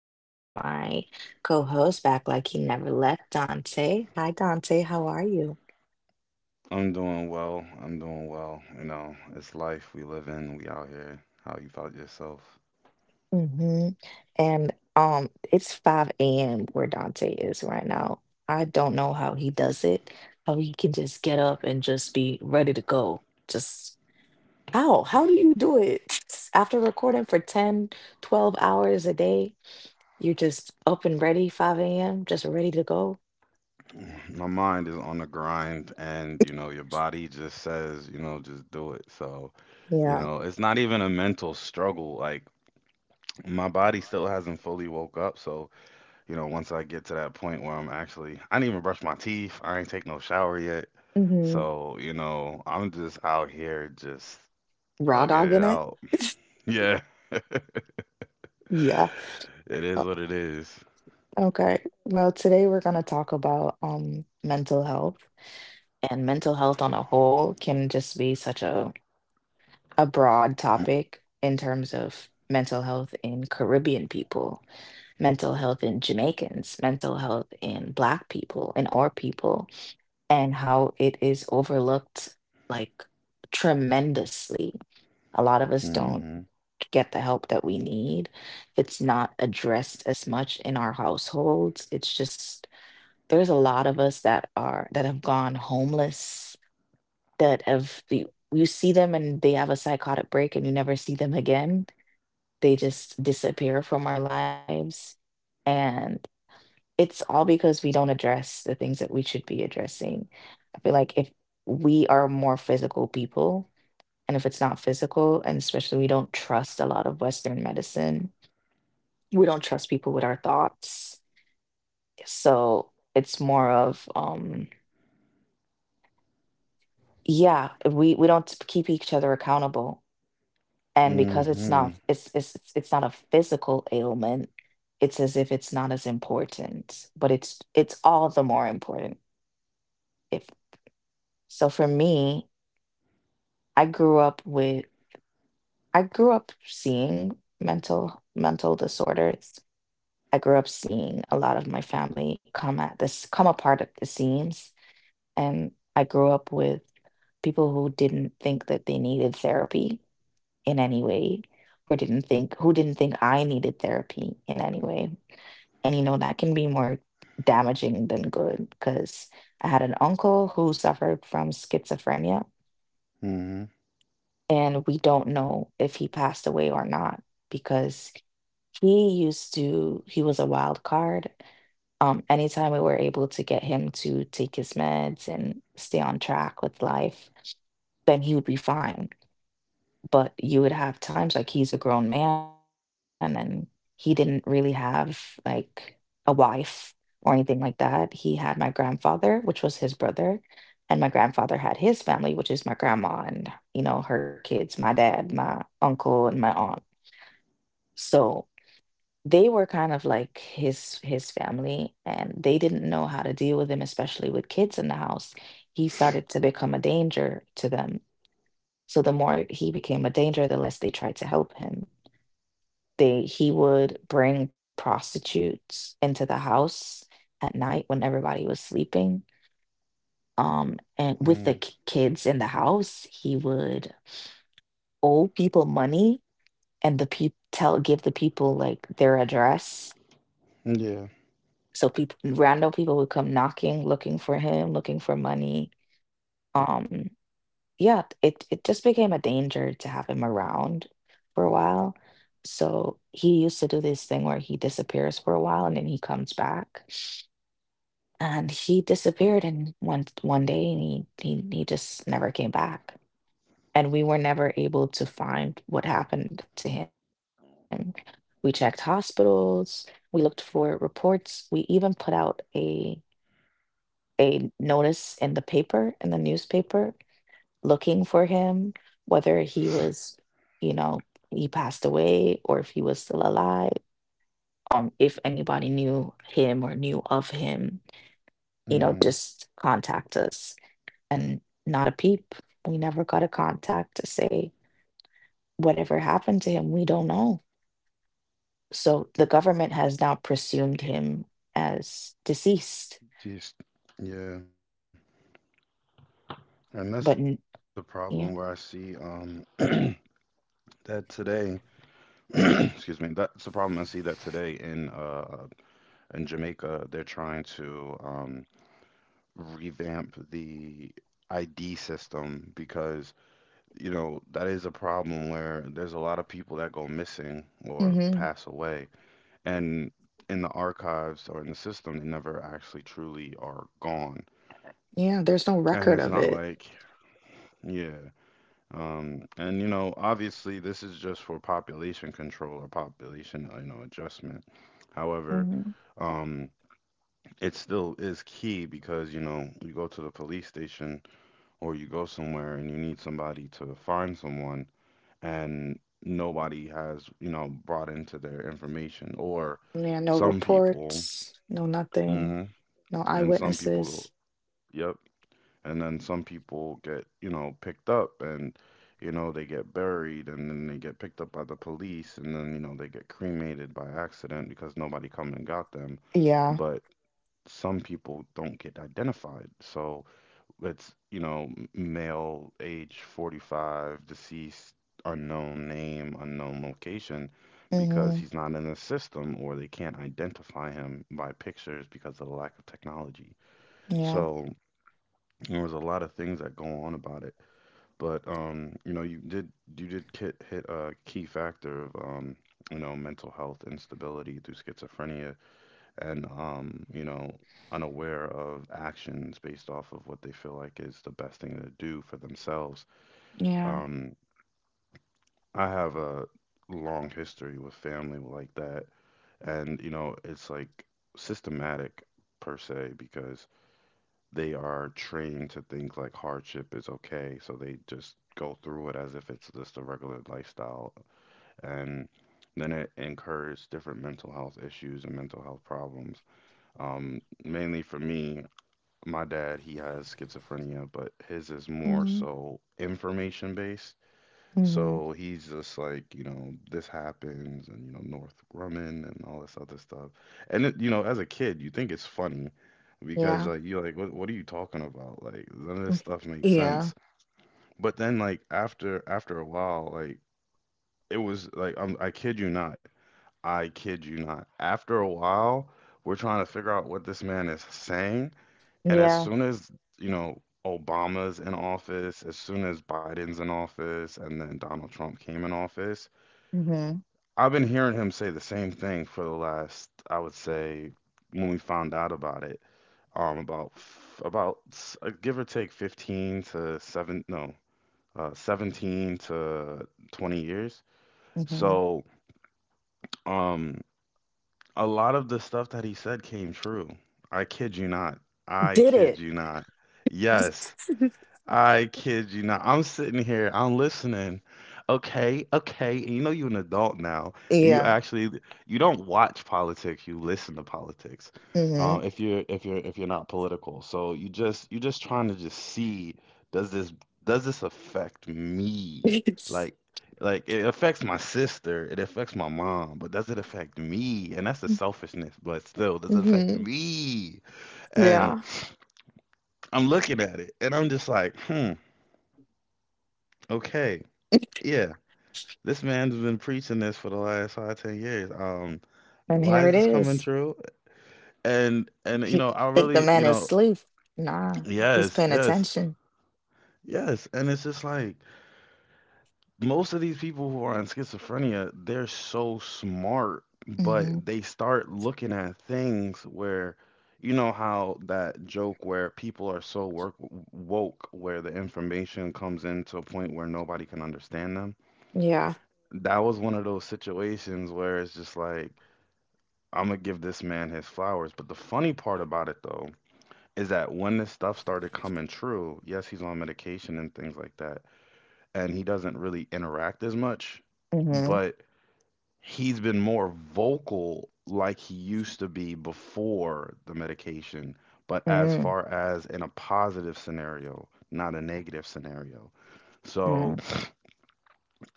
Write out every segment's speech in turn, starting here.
And I have my co host back like he never left, Dante. Hi, Dante. How are you? I'm doing well. I'm doing well. You know, it's life we live in. We out here. How you about yourself? Hmm And It's 5 a.m. where Dante is right now. I don't know how he does it, how he can just get up and just be ready to go. Just how? How do you do it? After recording for 10 12 hours a day, you're just up and ready, 5 a.m., just ready to go. My mind is on the grind, and you know, your body just says, you know, just do it. So, you Yeah. know, it's not even a mental struggle. Like my body still hasn't fully woke up. So, you know, once I get to that point where I'm actually, I didn't even brush my teeth. I ain't take no shower yet. So, you know, I'm just out here just Raw thugging dog it in it? out. Yeah, Yeah. it is what it is. Okay. Well, today we're going to talk about mental health, and mental health on a whole can just be such a broad topic in terms of mental health in Caribbean people, mental health in Jamaicans, mental health in Black people, in our people, and how it is overlooked, like, tremendously. A lot of us don't Mhm. get the help that we need. It's not addressed as much in our households. It's just there's a lot of us that have gone homeless, that have you see them and they have a psychotic break and you never see them again. They just disappear from our lives. And it's all because we don't address the things that we should be addressing. I feel like if we are more physical people, and if it's not physical, and especially we don't trust a lot of Western medicine, we don't trust people with our thoughts. So it's more of, yeah, we don't keep each other accountable, and because it's not it's Mhm. it's it's it's not a physical ailment, it's as if it's not as important, but it's all the more important. If so, For me, I grew up with I grew up seeing mental disorders. I grew up seeing a lot of my family come apart at the seams, and I grew up with people who didn't think that they needed therapy in any way, or didn't think I needed therapy in any way. And you know that can be more damaging than good, because I had an uncle who suffered from schizophrenia, Mhm. and we don't know if he passed away or not, because he used to he was a wild card. Anytime we were able to get him to take his meds and stay on track with life, then he would be fine. But you would have times, like, he's a grown man and he didn't really have, like, a wife or anything like that. He had my grandfather, which was his brother, and my grandfather had his family, which is my grandma and, you know, her kids, my dad, my uncle, and my aunt. So they were kind of like his family, and they didn't know how to deal with him, especially with kids in the house. He started to become a danger to them, so the more he became a danger, the less they tried to help him. They He would bring prostitutes into the house at night when everybody was sleeping. And with the kids in Mm. the house, he would owe people money, and the people tell give the people, like, their address. So Yeah. people random people would come knocking, looking for him, looking for money. Um, yeah, it just became a danger to have him around for a while. So he used to do this thing where he disappears for a while and then he comes back. And he disappeared and one day, and he just never came back. And we were never able to find what happened to him. We checked hospitals, we looked for reports, we even put out a notice in the paper, in the newspaper, looking for him, whether he was, you know, he passed away or if he was still alive, if anybody knew him or knew of him, you know, just contact Mhm. us. And not a peep. We never got a contact to say whatever happened to him. We don't know. So the government has now presumed him as deceased, Just yeah. but And that's the problem yeah, where I see that today. Excuse me. That's the problem I see that today in Jamaica, they're trying to revamp the ID system because, you know, that is a problem where there's a lot of people that go missing or hmm pass away, and in the archives or in the system they never actually truly are gone. yeah, there's no And record it's of not it. like, yeah, um, and you know, obviously this is just for population control or population, you know, adjustment. However, hmm um, it still is key because, you know, you go to the police station or you go somewhere and you need somebody to find someone, and nobody has, you know, brought into their information, or Yeah, no some people, reports, no nothing. mm-hmm, No and some people, eyewitnesses. yep, and then some people get, you know, picked up, and you know they get buried and then they get picked up by the police and then, you know, they get cremated by accident because nobody come and got them. Yeah. But some people don't get identified, so it's, you know, m- male, age 45, deceased, unknown name, unknown location, because hmm he's not in the system or they can't identify him by pictures because of the lack of technology. Yeah. So there was a lot of things that go on about it, but you know, you did hit a key factor of you know, mental health instability through schizophrenia, and you know, unaware of actions based off of what they feel like is the best thing to do for themselves. Yeah. Um, I have a long history with family like that, and you know, it's like systematic, per se, because they are trained to think like hardship is okay, so they just go through it as if it's just a regular lifestyle. And then it encouraged different mental health issues and mental health problems. Mainly for me, my dad, he has schizophrenia, but his is more hmm so information based. So hmm he's just like, you know, this happens and, you know, North Grumman and all this other stuff. And, it, you know, as a kid, you think it's funny because, like, Yeah. you're like, what are you talking about? Like, none of this stuff makes sense. Yeah. But then, like, after a while, like, it was like, I'm, I kid you not. I kid you not. After a while, we're trying to figure out what this man is saying. And as Yeah. soon as, you know, Obama's in office, as soon as Biden's in office, and then Donald Trump came in office, hmm I've been hearing him say the same thing for the last, I would say, when we found out about it, about give or take 15 to seven, no, 17 to 20 years. hmm So, um, a lot of the stuff that he said came true. I kid you not. I Did kid it. you not. Yes. I kid you not. I'm sitting here, I'm listening. Okay, okay. And you know you're an adult now, and you Yeah. actually you don't watch politics, you listen to politics. hmm if you're not political. So you just you're just trying to just see does this does this affect me? Like like it affects my sister, it affects my mom, but does it affect me? And that's the selfishness, but still, does it affect hmm me? And Yeah. I'm looking at it and I'm just like, hmm. Okay, yeah. This man's been preaching this for the last five, 10 years. And Why here is it this coming is. true? And you He know, I think the really, man you is know, asleep. Nah, he's yes, paying yes, attention. yes. And it's just like most of these people who are on schizophrenia, they're so smart, but hmm they start looking at things where you know how that joke where people are so work woke where the information comes into a point where nobody can understand them. Yeah. That was one of those situations where it's just like, I'm gonna give this man his flowers. But the funny part about it though is that when this stuff started coming true, yes, he's on medication and things like that, and he doesn't really interact as much, hmm but he's been more vocal like he used to be before the medication, but as mm far as in a positive scenario, not a negative scenario. mm So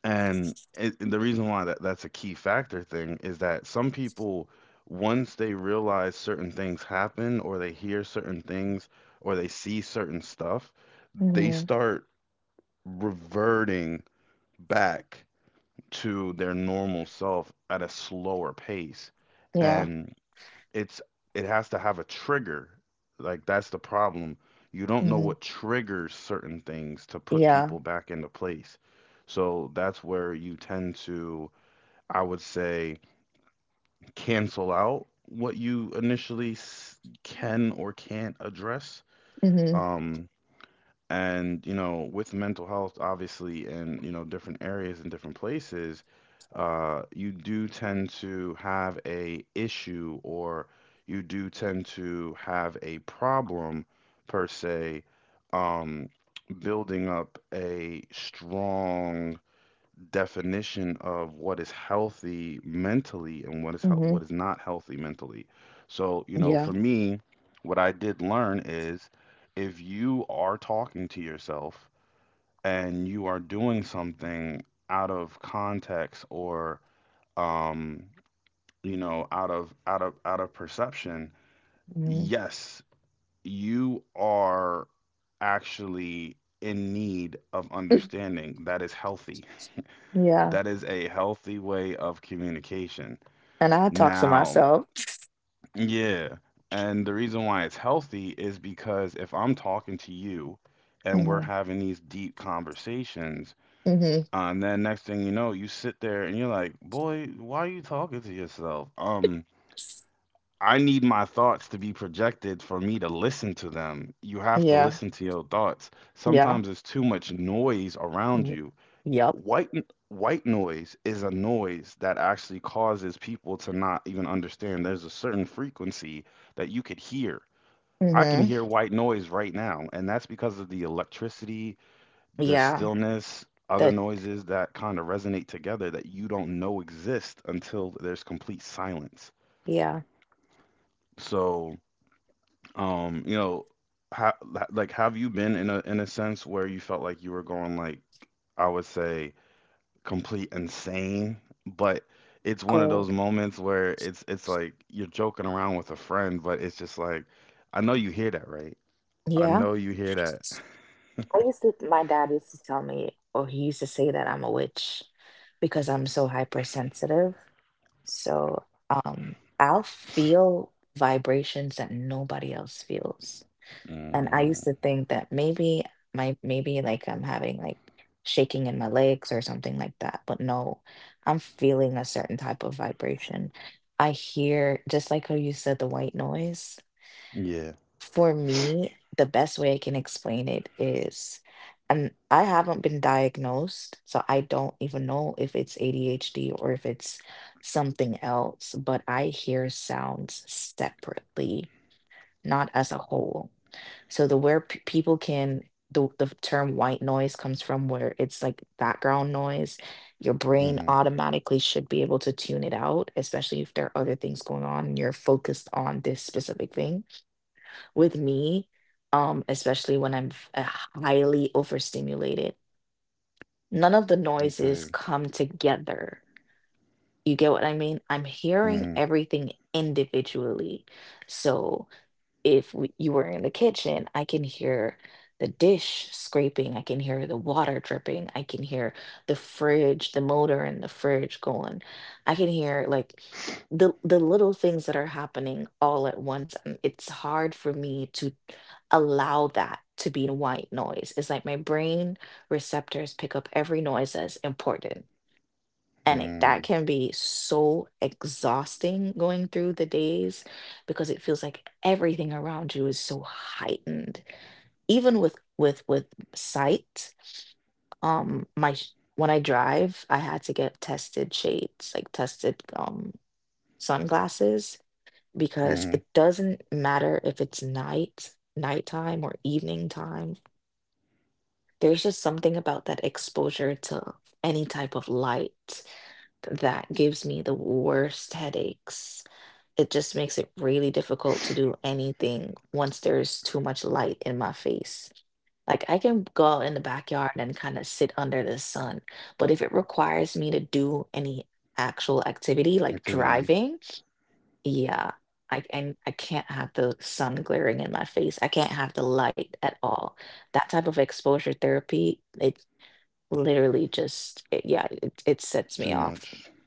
And the reason why that's a key factor thing is that some people, once they realize certain things happen, or they hear certain things, or they see certain stuff, they hmm start reverting back to their normal self at a slower pace. Yeah. And it's it has to have a trigger. Like that's the problem. You don't know hmm what triggers certain things to put Yeah. people back into place. So that's where you tend to, I would say, cancel out what you initially can or can't address. hmm Um, and you know, with mental health, obviously, in you know different areas and different places, you do tend to have a issue or you do tend to have a problem, per se, um, building up a strong definition of what is healthy mentally and what is hmm what is not healthy mentally. So, you know, Yeah. for me, what I did learn is if you are talking to yourself and you are doing something out of context or um, you know, out of perception, hmm yes, you are actually in need of understanding that is healthy, Yeah. that is a healthy way of communication. And I talk to Now, myself. yeah. And the reason why it's healthy is because if I'm talking to you and we're hmm having these deep conversations, hmm and then next thing you know, you sit there and you're like, boy, why are you talking to yourself? I need my thoughts to be projected for me to listen to them. You have to Yeah. listen to your thoughts. Yeah. Sometimes there's too much noise around mm, you. Yep. White n- White noise is a noise that actually causes people to not even understand. There's a certain frequency that you could hear. I can hmm hear white noise right now, and that's because of the electricity, the Yeah. stillness, other That. noises that kind of resonate together that you don't know exist until there's complete silence. Yeah. So, you know, have you been in a sense where you felt like you were going like, I would say, complete insane, but it's one of Oh. those moments where it's like you're joking around with a friend, but it's just like, I know you hear that, right? I Yeah. know you hear that. I used to. My dad used to tell me, or he used to say that I'm a witch because I'm so hypersensitive. So, I'll feel vibrations that nobody else feels. And I Mm, used to think that maybe my maybe, like, I'm having, like, shaking in my legs or something like that, but no, I'm feeling a certain type of vibration. I hear, just like how you said, the white noise. yeah. For me, the best way I can explain it is, and I haven't been diagnosed, so I don't even know if it's ADHD or if it's something else, but I hear sounds separately, not as a whole. So the where people can the term white noise comes from where it's like background noise. Your brain Hmm. automatically should be able to tune it out, especially if there are other things going on and you're focused on this specific thing. With me, especially when I'm highly overstimulated, none of the noises Okay. come together. You get what I mean? I'm hearing Hmm. everything individually. So if you were in the kitchen, I can hear the dish scraping, I can hear the water dripping, I can hear the fridge, the motor in the fridge going. I can hear, like, the little things that are happening all at once. And it's hard for me to allow that to be white noise. It's like my brain receptors pick up every noise as important, and that Mm, can be so exhausting going through the days, because it feels like everything around you is so heightened. Even with sight, when I drive, I had to get tested shades, like tested sunglasses, because it hmm. doesn't matter if it's nighttime or evening time. There's just something about that exposure to any type of light that gives me the worst headaches. It just makes it really difficult to do anything once there's too much light in my face. Like, I can go out in the backyard and kind of sit under the sun, but if it requires me to do any actual activity like Activities. driving, yeah, I can't have the sun glaring in my face. I can't have the light at all. That type of exposure therapy, it literally just yeah, it sets me Too off. much.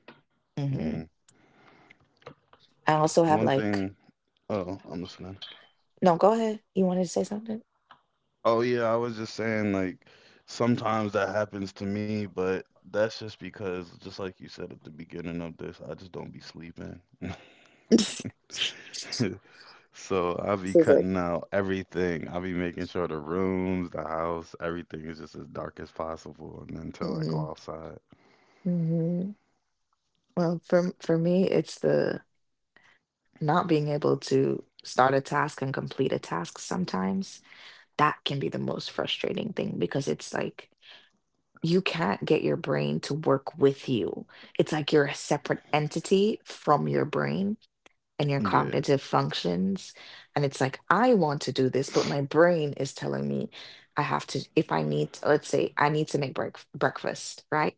Mhm. Mm. I also have One like, thing. Oh, I'm listening. No, go ahead. You wanted to say something? Oh yeah, I was just saying like sometimes that happens to me, but that's just because just like you said at the beginning of this, I just don't be sleeping. So I'll be So it's like, cutting out everything. I'll be making sure the rooms, the house, everything is just as dark as possible, and until I hmm go outside. hmm Well, for me, it's the not being able to start a task and complete a task sometimes. That can be the most frustrating thing, because it's like you can't get your brain to work with you. It's like you're a separate entity from your brain and your Yeah. cognitive functions. And it's like, I want to do this, but my brain is telling me if I need, let's say I need to breakfast, right?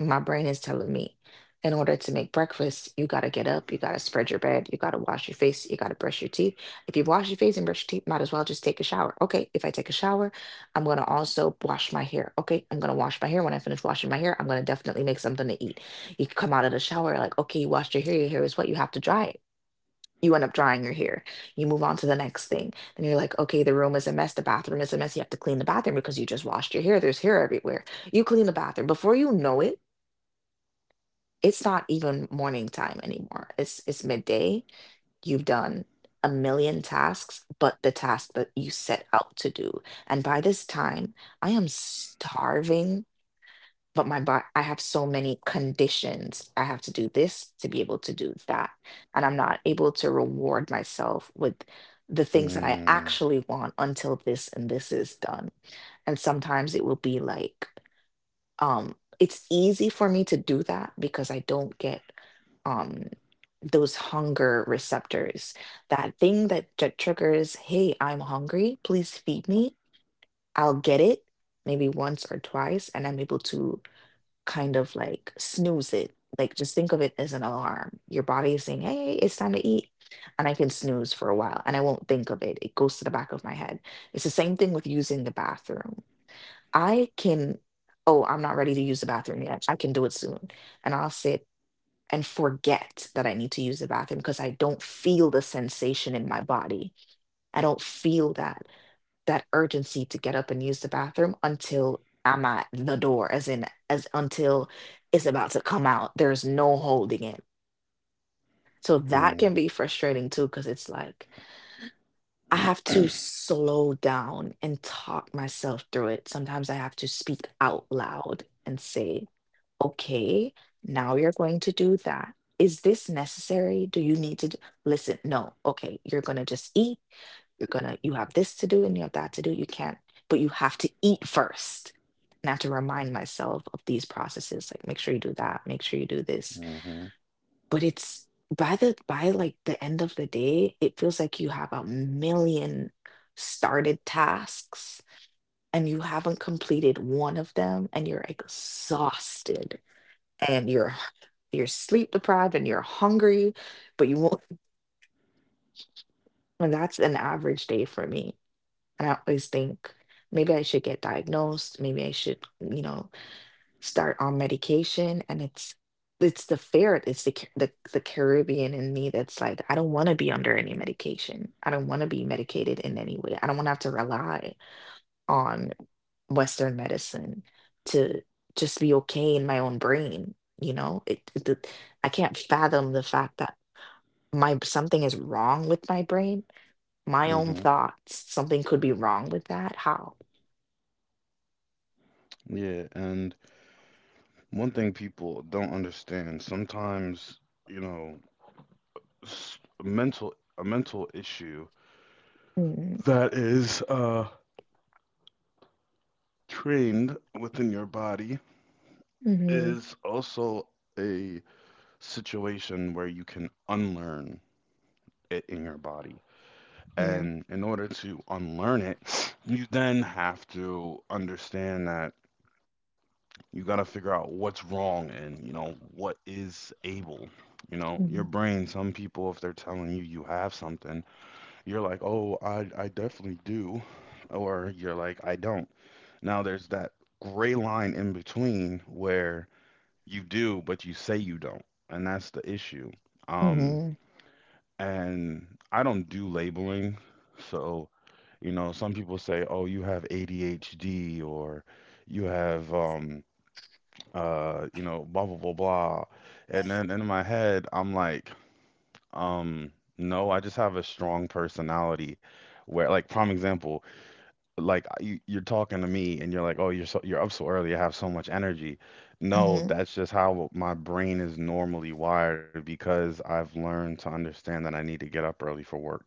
My brain is telling me, in order to make breakfast, you got to get up, you got to spread your bed, you got to wash your face, you got to brush your teeth. If you wash your face and brush your teeth, might as well just take a shower. Okay, if I take a shower, I'm going to also wash my hair. Okay, I'm going to wash my hair. When I finish washing my hair, I'm going to definitely make something to eat. You come out of the shower, like, okay, you washed your hair is wet, you have to dry it. You end up drying your hair. You move on to the next thing. Then you're like, okay, the room is a mess. The bathroom is a mess. You have to clean the bathroom because you just washed your hair. There's hair everywhere. You clean the bathroom. Before you know it, it's not even morning time anymore. It's midday. You've done a million tasks, but the task that you set out to do. And by this time, I am starving, but my body, I have so many conditions. I have to do this to be able to do that, and I'm not able to reward myself with the things that I Mm, actually want until this and this is done. And sometimes it will be like, it's easy for me to do that because I don't get um those hunger receptors, that thing that triggers, hey, I'm hungry, please feed me. I'll get it maybe once or twice and I'm able to kind of like snooze it. Like just think of it as an alarm. Your body is saying, hey, it's time to eat. And I can snooze for a while and I won't think of it. It goes to the back of my head. It's the same thing with using the bathroom. I can, oh, I'm not ready to use the bathroom yet. I can do it soon. And I'll sit and forget that I need to use the bathroom because I don't feel the sensation in my body. I don't feel that urgency to get up and use the bathroom until I'm at the door, as in, as until it's about to come out. There's no holding it. So mm, that can be frustrating too, because it's like I have to slow down and talk myself through it. Sometimes I have to speak out loud and say, okay, now you're going to do that. Is this necessary? Do you need to listen? No. Okay, you're going to just eat, you're you have this to do and you have that to do. You can't, but you have to eat first. And I have to remind myself of these processes, like make sure you do that, make sure you do this. mm-hmm, But it's, by like the end of the day, it feels like you have a million started tasks and you haven't completed one of them, and you're exhausted and you're sleep deprived and you're hungry, but you won't. And that's an average day for me. And I always think, maybe I should get diagnosed, maybe I should, you know, start on medication. And it's the fear, it's the the Caribbean in me that's like, I don't want to be under any medication. I don't want to be medicated in any way. I don't want to have to rely on Western medicine to just be okay in my own brain. You know, I can't fathom the fact that my something is wrong with my brain, my own mm-hmm. thoughts. Something could be wrong with that. How? Yeah, and one thing people don't understand, sometimes, you know, a mental issue Mhm, that is trained within your body mhm, is also a situation where you can unlearn it in your body. yeah. And in order to unlearn it, you then have to understand that you got to figure out what's wrong and, you know, what is able. You know, your Mhm, brain, some people, if they're telling you you have something, you're like, oh, I definitely do. Or you're like, I don't. Now there's that gray line in between where you do, but you say you don't. And that's the issue. Um, mhm, and I don't do labeling. So you know, some people say, "Oh, you have ADHD," or "You have, you know, blah blah blah blah," and then in my head, I'm like, um, "No, I just have a strong personality." Where, like, prime example, like you, you're talking to me and you're like, "Oh, you're up so early. I have so much energy." No, mhm, that's just how my brain is normally wired because I've learned to understand that I need to get up early for work.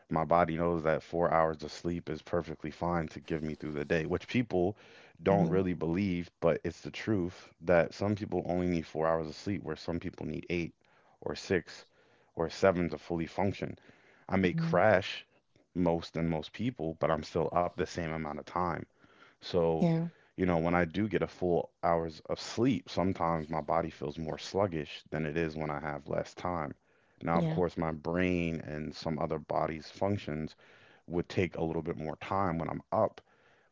My body knows that 4 hours of sleep is perfectly fine to give me through the day, which people don't mhm, really believe, but it's the truth that some people only need 4 hours of sleep, where some people need eight or six or seven to fully function. I may mhm, crash most than most people, but I'm still up the same amount of time. So, yeah, when I do get a full hours of sleep, sometimes my body feels more sluggish than it is when I have less time. Now, of yeah, course, my brain and some other body's functions would take a little bit more time when I'm up,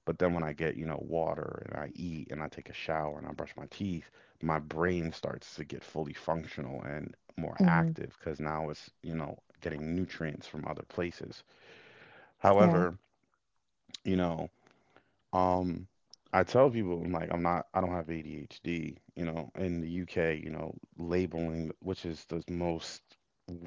but then when I get, you know, water and I eat and I take a shower and I brush my teeth, my brain starts to get fully functional and more mhm, active because now it's, you know, getting nutrients from other places. yeah, However, you know, um, I tell people I'm like I'm not I don't have ADHD, you know, in the UK, you know, labeling, which is the most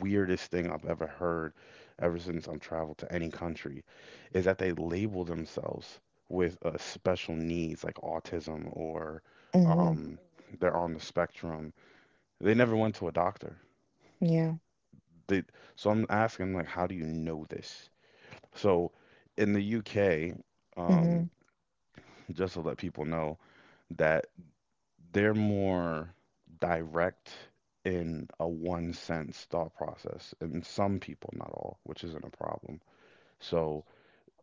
weirdest thing I've ever heard ever since I'm traveled to any country, is that they label themselves with special needs like autism or mhm, um, they're on the spectrum. They never went to a doctor. yeah, They, so I'm asking like, how do you know this? So in the UK, um, mhm, just to let people know, that they're more direct in a one sense thought process and some people not all, which isn't a problem. So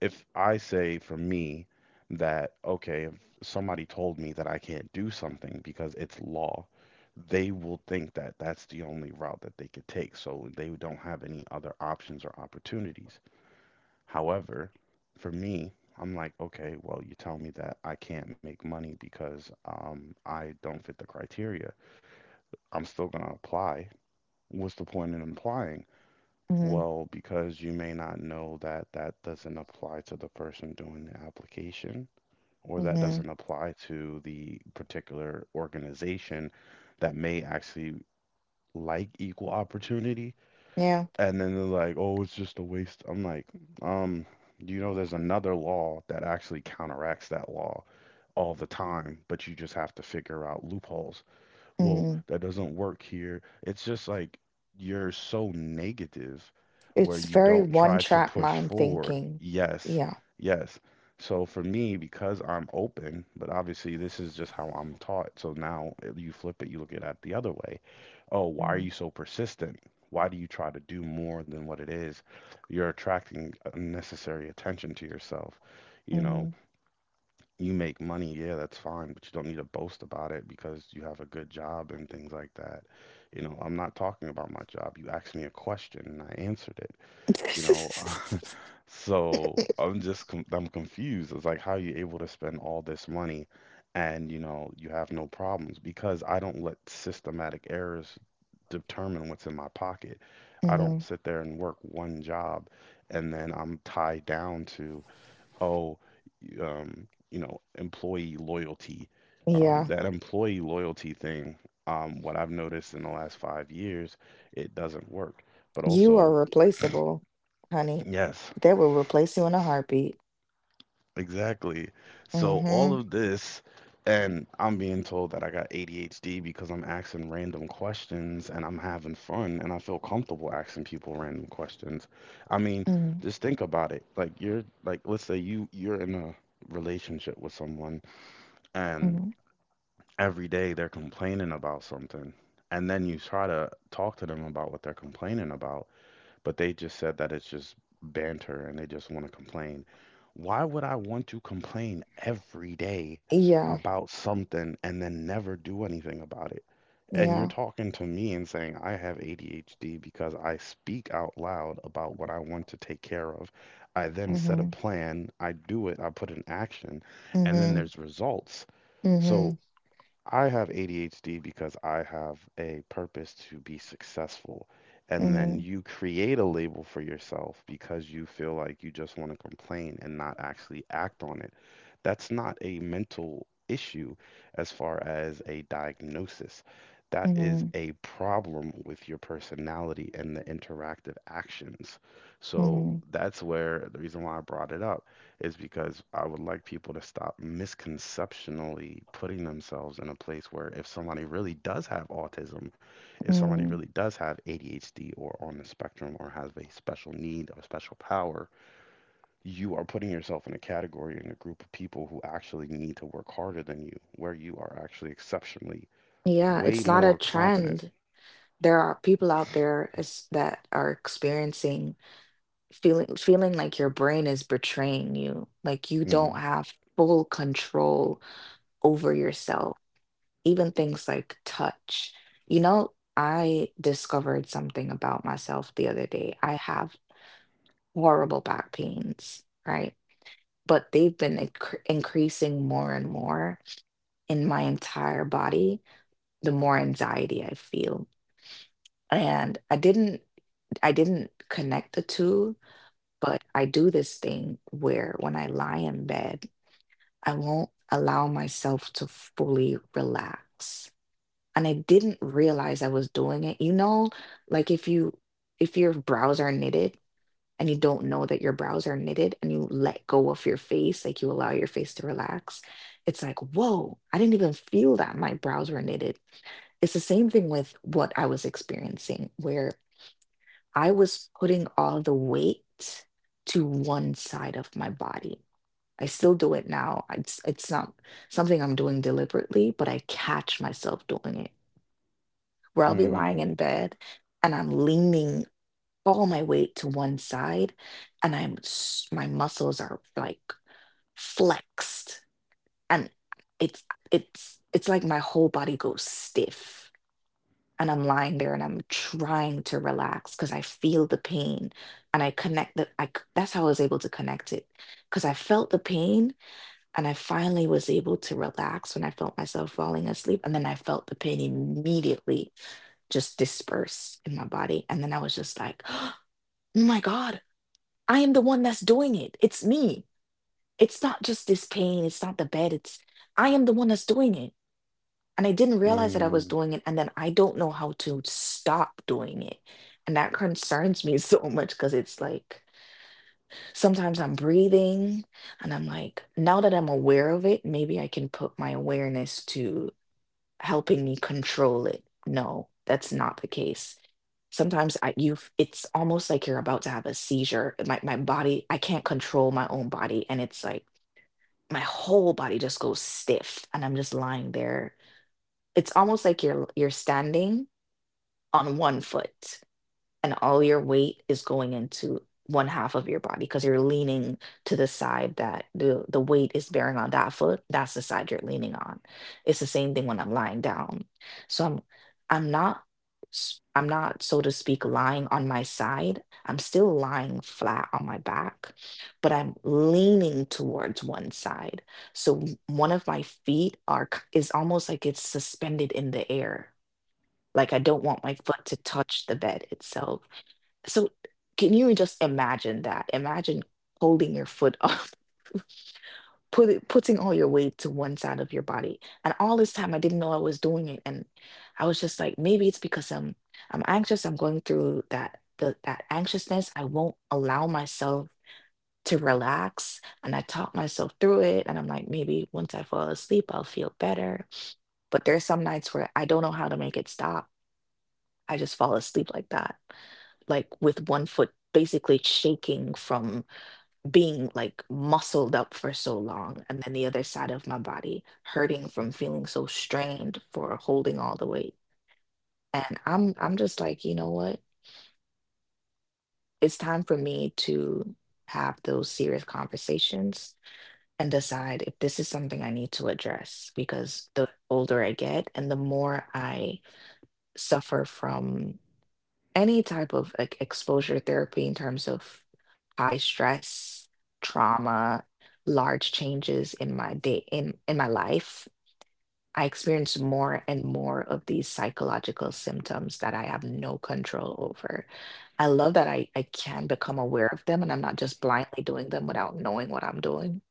if I say, for me, that, okay, if somebody told me that I can't do something because it's law, they will think that that's the only route that they could take, so they don't have any other options or opportunities. However, for me, I'm like, okay, well, you tell me that I can't make money because I don't fit the criteria. I'm still going to apply. What's the point in applying? mhm, Well, because you may not know that that doesn't apply to the person doing the application, or that doesn't mhm, apply to the particular organization that may actually, like, equal opportunity. yeah, And then they're like, oh, it's just a waste. I'm like, um, you know, there's another law that actually counteracts that law all the time, but you just have to figure out loopholes. Well, mhm. that doesn't work here. It's just like you're so negative where It's you very don't try to one-track push mind forward. thinking. Yes, Yeah. yes. So for me, because I'm open, but obviously this is just how I'm taught. So now if you flip it, you look at it the other way. Oh, why are Mhm, you so persistent? Why do you try to do more than what it is? You're attracting unnecessary attention to yourself, you know? mhm. You make money, yeah, that's fine, but you don't need to boast about it because you have a good job and things like that. You know, I'm not talking about my job. You asked me a question and I answered it, you know. So I'm just com I'm confused. It's like, how are you able to spend all this money and, you know, you have no problems? Because I don't let systematic errors determine what's in my pocket. I don't Mhm, sit there and work one job and then I'm tied down to, oh, you know, employee loyalty. Yeah. That employee loyalty thing, what I've noticed in the last 5 years, it doesn't work. But You are also, replaceable, honey. yes, They will replace you in a heartbeat. exactly. So all Mhm, of this, and I'm being told that I got ADHD because I'm asking random questions and I'm having fun and I feel comfortable asking people random questions. I mean, mhm, just think about it. Like, you're like, let's say you're in a relationship with someone and mhm. every day they're complaining about something, and then you try to talk to them about what they're complaining about, but they just said that it's just banter and they just want to complain. Why would I want to complain every day Yeah, about something and then never do anything about it, and you're yeah, talking to me and saying I have ADHD because I speak out loud about what I want to take care of? I then set a mhm, plan, I do it, I put in action, and then mhm, there's results. So mhm, I have ADHD because I have a purpose to be successful. And then mhm. you create a label for yourself because you feel like you just want to complain and not actually act on it. That's not a mental issue as far as a diagnosis. That is Mhm, a problem with your personality and the interactive actions. So mhm, that's where the reason why I brought it up is because I would like people to stop misconceptionally putting themselves in a place where, if somebody really does have autism, if somebody really mm. does have ADHD or on the spectrum or has a special need or special power, you are putting yourself in a category, in a group of people who actually need to work harder than you, where you are actually exceptionally Yeah, way it's not a more competent. trend. There are people out there as that are experiencing feeling, like your brain is betraying you, like you Mm, don't have full control over yourself, even things like touch. You know, I discovered something about myself the other day. I have horrible back pains, right? But they've been increasing more and more in my entire body, the more anxiety I feel. And I didn't connect the two, but I do this thing where when I lie in bed, I won't allow myself to fully relax. And I didn't realize I was doing it. You know, like if you if your brows are knitted and you don't know that your brows are knitted and you let go of your face, like you allow your face to relax, it's like, whoa, I didn't even feel that my brows were knitted. It's the same thing with what I was experiencing, where I was putting all the weight to one side of my body. I still do it now. It's not something I'm doing deliberately, but I catch myself doing it where I'll be lying mm-hmm, in bed and I'm leaning all my weight to one side, and my muscles are like flexed, and it's, it's like my whole body goes stiff and I'm lying there and I'm trying to relax because I feel the pain. And I connect that's how I was able to connect it, because I felt the pain and I finally was able to relax when I felt myself falling asleep, and then I felt the pain immediately just disperse in my body, and then I was just like oh my god, I am the one that's doing it. It's me. It's not just this pain. It's not the bed. It's, I am the one that's doing it. And I didn't realize that I was mm, doing it. And then I don't know how to stop doing it. And that concerns me so much because it's like sometimes I'm breathing and I'm like, now that I'm aware of it, maybe I can put my awareness to helping me control it. No, that's not the case. Sometimes I, it's almost like you're about to have a seizure. My body, I can't control my own body, and it's like my whole body just goes stiff and I'm just lying there. It's almost like you're standing on one foot and all your weight is going into one half of your body because you're leaning to the side that the weight is bearing on. That foot, that's the side you're leaning on. It's the same thing when I'm lying down. So I'm not s- I'm not, so to speak, lying on my side. I'm still lying flat on my back, but I'm leaning towards one side. So one of my feet is almost like it's suspended in the air, like I don't want my foot to touch the bed itself. So can you just imagine that? Imagine holding your foot up, putting all your weight to one side of your body. And all this time I didn't know I was doing it. And I was just like, maybe it's because I'm anxious. I'm going through that anxiousness. I won't allow myself to relax. And I talk myself through it. And I'm like, maybe once I fall asleep, I'll feel better. But there's some nights where I don't know how to make it stop. I just fall asleep like that, like with one foot basically shaking from being like muscled up for so long, and then the other side of my body hurting from feeling so strained for holding all the weight. And I'm just like, you know what, it's time for me to have those serious conversations and decide if this is something I need to address, because the older I get and the more I suffer from any type of like exposure therapy in terms of high stress, trauma, large changes in my day, in my life, I experience more and more of these psychological symptoms that I have no control over. I love that I can become aware of them and I'm not just blindly doing them without knowing what I'm doing.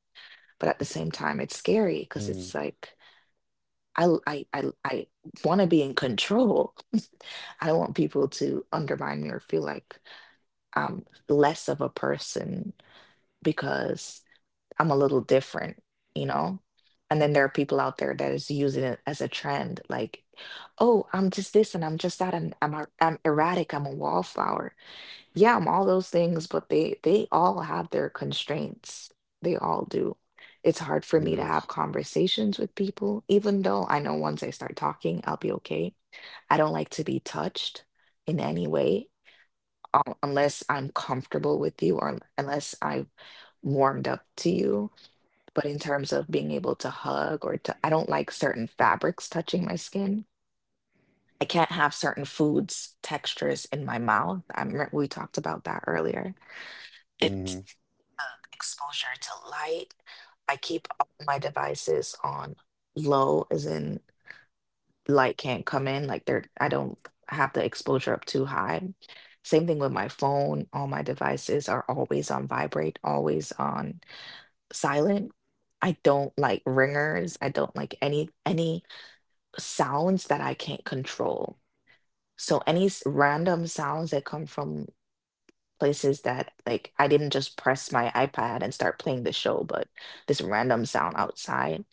But at the same time, it's scary because mm, it's like I l- I want to be in control. I don't want people to undermine me or feel like I'm less of a person because I'm a little different, you know? And then there are people out there that is using it as a trend, like, oh, I'm just this and I'm just that, and I'm erratic, I'm a wallflower. Yeah, I'm all those things, but they all have their constraints. They all do. It's hard for me to yes, have conversations with people, even though I know once I start talking, I'll be okay. I don't like to be touched in any way, unless I'm comfortable with you or unless I've warmed up to you, but in terms of being able to hug or to, I don't like certain fabrics touching my skin. I can't have certain foods textures in my mouth. I remember we talked about that earlier. mm-hmm, It's exposure to light. I keep all my devices on low, as in light can't come in. Like they're, I don't have the exposure up too high. Same thing with my phone. All my devices are always on vibrate, always on silent. I don't like ringers. I don't like any sounds that I can't control. So random sounds that come from places, that like I didn't just press my iPad and start playing the show, but this random sound outside.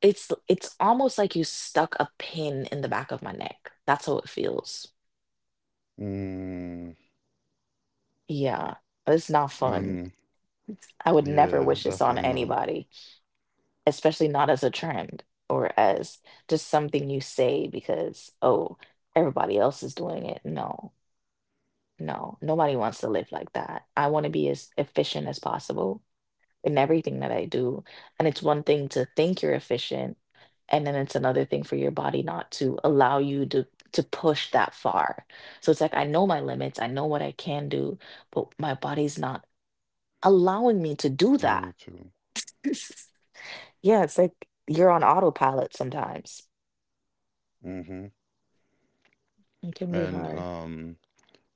It's almost like you stuck a pin in the back of my neck. That's how it feels. mm, Yeah. It's not fun. um, I would never yeah, wish this on definitely not. anybody, especially not as a trend or as just something you say because, oh, everybody else is doing it. No, no, nobody wants to live like that. I want to be as efficient as possible in everything that I do. And it's one thing to think you're efficient, and then it's another thing for your body not to allow you to push that far. So it's like I know my limits, I know what I can do, but my body's not allowing me to do No, that. you too. Yeah, it's like you're on autopilot sometimes. Hmm. It can be And hard.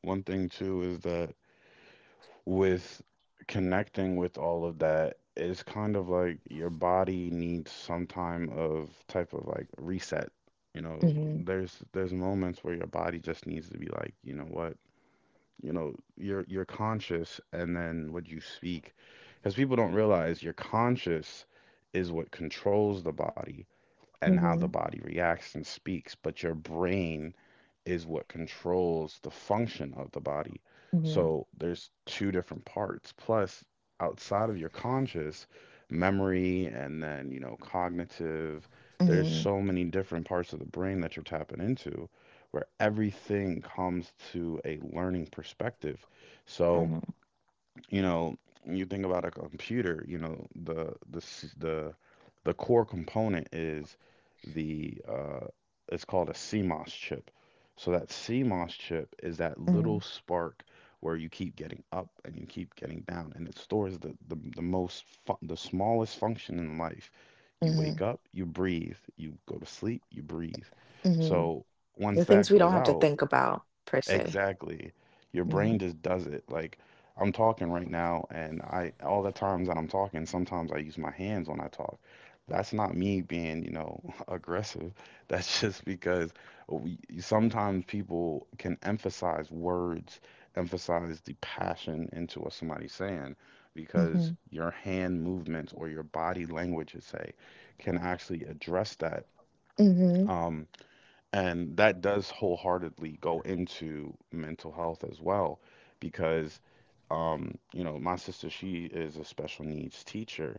one thing too is that, with connecting with all of that, it's kind of like your body needs some time of type of like reset. You know, Mhm, there's moments where your body just needs to be like, you know what? You know, you're conscious and then what you speak. Because people don't realize your conscious is what controls the body and how the mhm, body reacts and speaks, but your brain is what controls the function of the body. mhm, So there's two different parts. Plus, outside of your conscious memory and then, you know, cognitive, there's mhm, so many different parts of the brain that you're tapping into where everything comes to a learning perspective. So, mhm, you know, you think about a computer, you know, the core component is the it's called a CMOS chip. So that CMOS chip is that mhm, little spark where you keep getting up and you keep getting down, and it stores the smallest function in life. You wake mhm, up, you breathe. You go to sleep, you breathe. mhm. So The once things that we don't goes have to out, think about per se. exactly. Your Mhm, brain just does it. Like, I'm talking right now, and I all the times that I'm talking, sometimes I use my hands when I talk. That's not me being, you know, aggressive. That's just because we, sometimes people can emphasize words, emphasize the passion into what somebody's saying, because mhm, your hand movements or your body language, you say, can actually address that. mhm, Um, and that does wholeheartedly go into mental health as well, because, you know, my sister, she is a special needs teacher,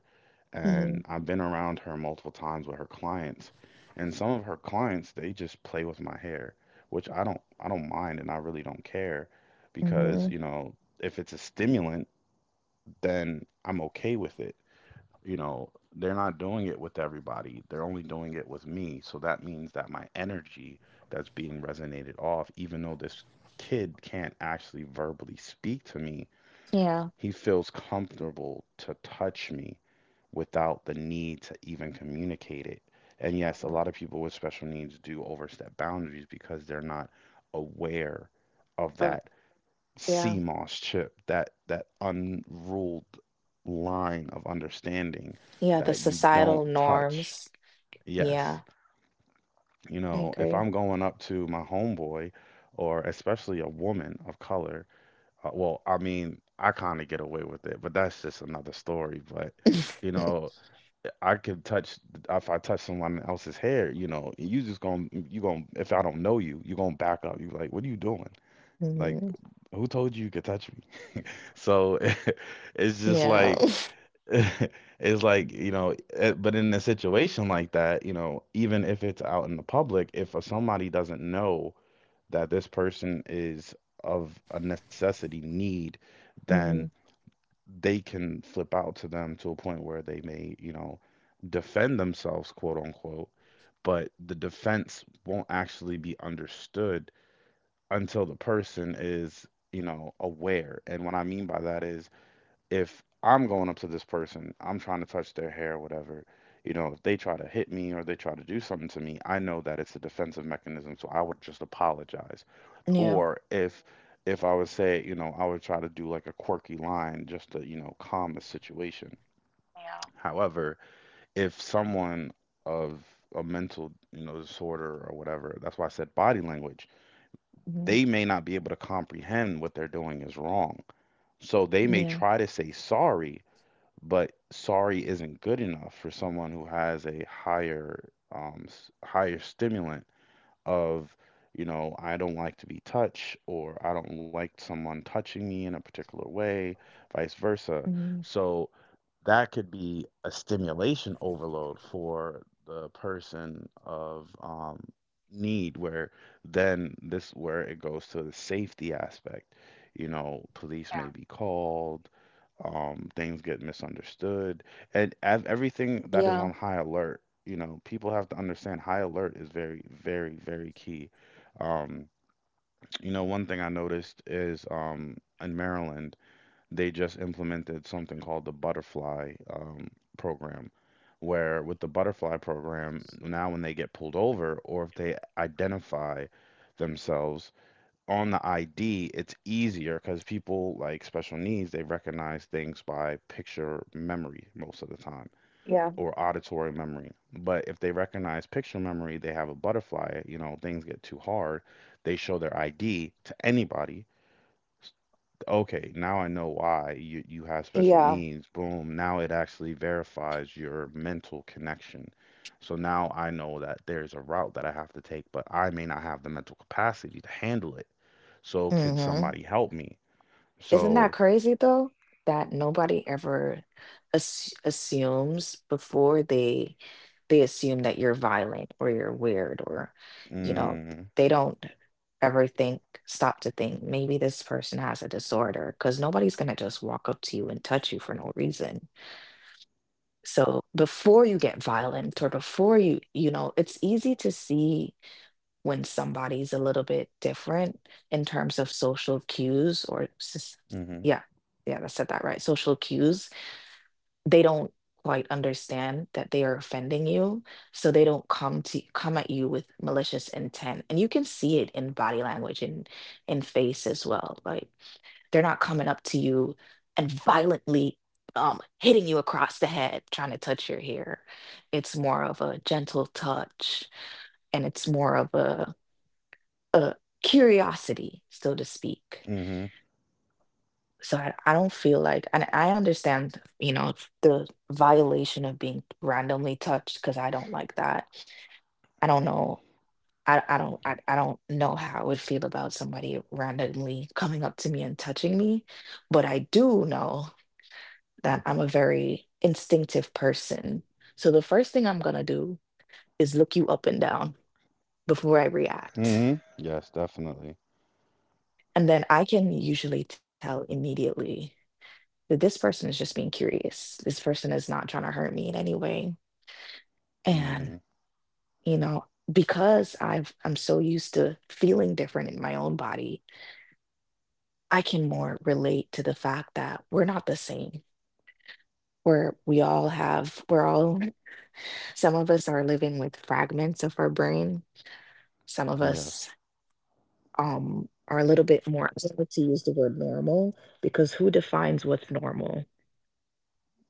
mhm, and I've been around her multiple times with her clients, and some of her clients, they just play with my hair, which I don't mind, and I really don't care, because, mhm. you know, if it's a stimulant, then I'm okay with it. You know, they're not doing it with everybody. They're only doing it with me. So that means that my energy that's being resonated off, even though this kid can't actually verbally speak to me, Yeah. he feels comfortable to touch me without the need to even communicate it. And yes, a lot Mhm. of people with special needs do overstep boundaries because they're not aware of But that yeah, CMOS chip, that that unruled line of understanding yeah. The that you don't societal touch. norms. Yes, Yeah, you I know, if agree. I'm going up to my homeboy, or especially a woman of color, well, I mean, I kind of get away with it, but that's just another story. But you know, I could touch, if I touch someone else's hair, you know, you just gonna, you gonna if I don't know you, you gonna back up. You like, what are you doing? Like, Hmm. who told you you could touch me? So it's just Yeah. like it's like, you know, eh, but in a situation like that, you know, even if it's out in the public, if somebody doesn't know that this person is of a necessity need, then Hmm. they can flip out to them to a point where they may, you know, defend themselves, quote unquote, but the defense won't actually be understood until the person is, you know, aware. And what I mean by that is if I'm going up to this person, I'm trying to touch their hair, whatever, you know, if they try to hit me or they try to do something to me, I know that it's a defensive mechanism, so I would just apologize. Yeah. Or if I would say, you know, I would try to do like a quirky line just to, you know, calm the situation. Yeah. However, if someone of a mental, you know, disorder or whatever, that's why I said body language, Hmm. they may not be able to comprehend what they're doing is wrong. So they may Yeah. try to say sorry, but sorry isn't good enough for someone who has a higher higher stimulant of, you know, I don't like to be touched or I don't like someone touching me in a particular way, vice versa. Hmm. So that could be a stimulation overload for the person of need, where then this where it goes to the safety aspect. You know, police may Yeah. be called, things get misunderstood, and everything that is on Yeah. high alert. You know, people have to understand high alert is very, very, very key. um, you know, one thing I noticed is, in Maryland they just implemented something called the butterfly, program, where with the butterfly program, now when they get pulled over or if they identify themselves on the ID, it's easier because people like special needs, they recognize things by picture memory most of the time Yeah. or auditory memory. But if they recognize picture memory, they have a butterfly, you know, things get too hard, they show their ID to anybody. Okay, now I know why you have special Yeah. needs. Boom. Now it actually verifies your mental connection. So now I know that there's a route that I have to take, but I may not have the mental capacity to handle it. So can Mm-hmm. somebody help me? Isn't that So, crazy though? That nobody ever assumes before they assume that you're violent or you're weird or you know, mm, they don't ever think, stop to think maybe this person has a disorder because nobody's gonna just walk up to you and touch you for no reason. So before you get violent or before you, you know, it's easy to see when somebody's a little bit different in terms of social cues or mm-hmm, yeah, yeah, I said that right, social cues. They don't quite understand that they are offending you, so they don't come at you with malicious intent, and you can see it in body language and in face as well. Like they're not coming up to you and violently hitting you across the head trying to touch your hair. It's more of a gentle touch, and it's more of a uh, curiosity, so to speak. mm-hmm, So I don't feel like, and I understand, you know, the violation of being randomly touched because I don't like that. I don't know. I don't know how I would feel about somebody randomly coming up to me and touching me, but I do know that I'm a very instinctive person. So the first thing I'm gonna do is look you up and down before I react. mm-hmm. Yes, definitely. And then I can usually tell immediately that this person is just being curious. This person is not trying to hurt me in any way. Mm-hmm. And, you know, because I'm so used to feeling different in my own body, I can more relate to the fact that we're not the same. We're we all have we're all some of us are living with fragments of our brain. Some of Yes. us are a little bit more, I like to use the word normal because who defines what's normal?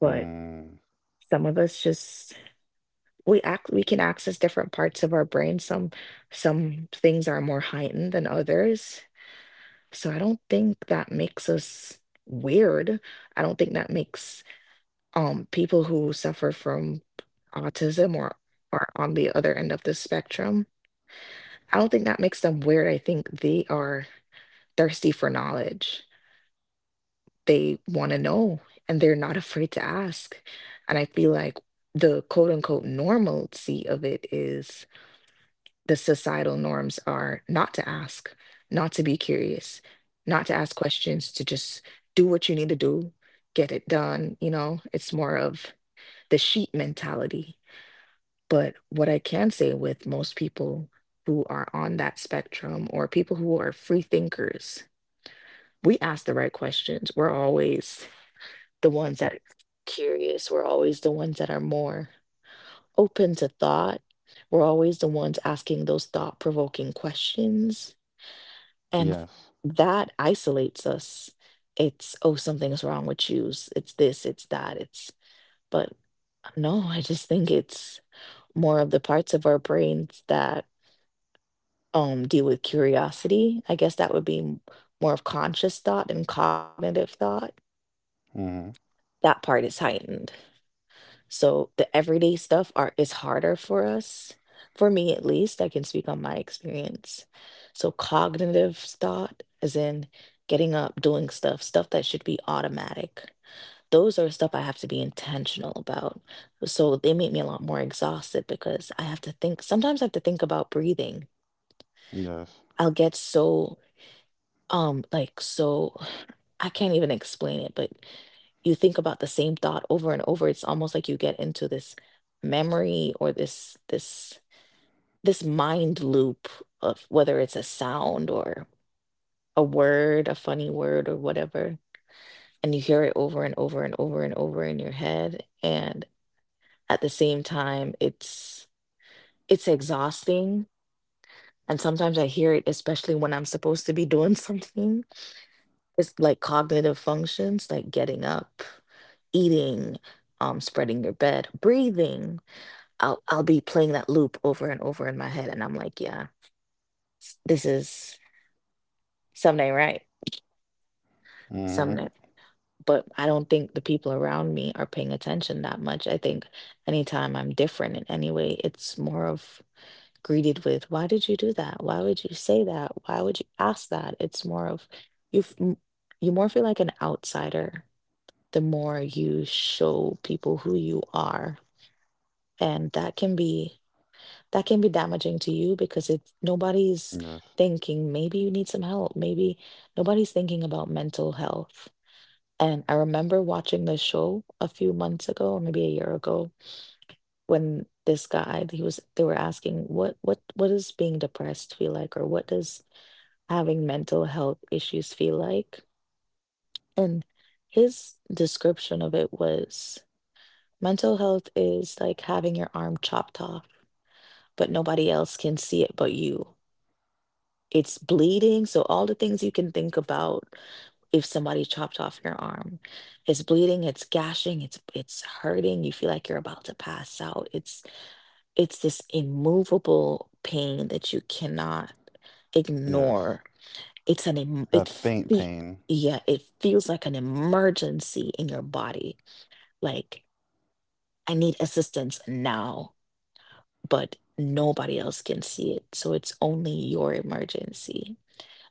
But some of us just we act we can access different parts of our brain. Some things are more heightened than others, so I don't think that makes us weird. I don't think that makes people who suffer from autism or are on the other end of the spectrum, I don't think that makes them weird. I think they are thirsty for knowledge. They want to know, and they're not afraid to ask. And I feel like the quote unquote normalcy of it is the societal norms are not to ask, not to be curious, not to ask questions, to just do what you need to do, get it done. You know, it's more of the sheep mentality. But what I can say with most people who are on that spectrum or people who are free thinkers, we ask the right questions. We're always the ones that are curious, we're always the ones that are more open to thought. We're always the ones asking those thought provoking questions, and yes. that isolates us. It's, oh, something's wrong with you. It's this, it's that, it's, but no, I just think it's more of the parts of our brains that deal with curiosity. I guess that would be more of conscious thought and cognitive thought. Mm-hmm. That part is heightened. So the everyday stuff are is harder for us, for me at least. I can speak on my experience. So cognitive thought, as in getting up, doing stuff, stuff that should be automatic. Those are stuff I have to be intentional about. So they make me a lot more exhausted because I have to think. Sometimes I have to think about breathing. Yes. I'll get so like, so I can't even explain it, but you think about the same thought over and over. It's almost like you get into this memory or this mind loop of whether it's a sound or a word, a funny word or whatever, and you hear it over and over and over and over in your head. And at the same time, it's exhausting. And sometimes I hear it, especially when I'm supposed to be doing something. It's like cognitive functions, like getting up, eating, spreading your bed, breathing, I'll be playing that loop over and over in my head, and I'm like, yeah, this is someday right, Mm-hmm. someday. But I don't think the people around me are paying attention that much. I think anytime I'm different in any way, it's more of greeted with, why did you do that? Why would you say that? Why would you ask that? It's more of you. You more feel like an outsider the more you show people who you are, and that can be. That can be damaging to you because it's nobody's Yes. thinking maybe you need some help. Maybe nobody's thinking about mental health. And I remember watching this show a few months ago or maybe a year ago, when this guy, he was, they were asking what does being depressed feel like, or what does having mental health issues feel like. And his description of it was mental health is like having your arm chopped off, but nobody else can see it but you. It's bleeding. So, all the things you can think about if somebody chopped off your arm, it's bleeding, it's gashing, it's hurting, you feel like you're about to pass out. It's this immovable pain that you cannot Yes. ignore. It's an em- That it faint fe- pain. yeah, it feels like an emergency in your body. Like I need assistance now, but nobody else can see it. So it's only your emergency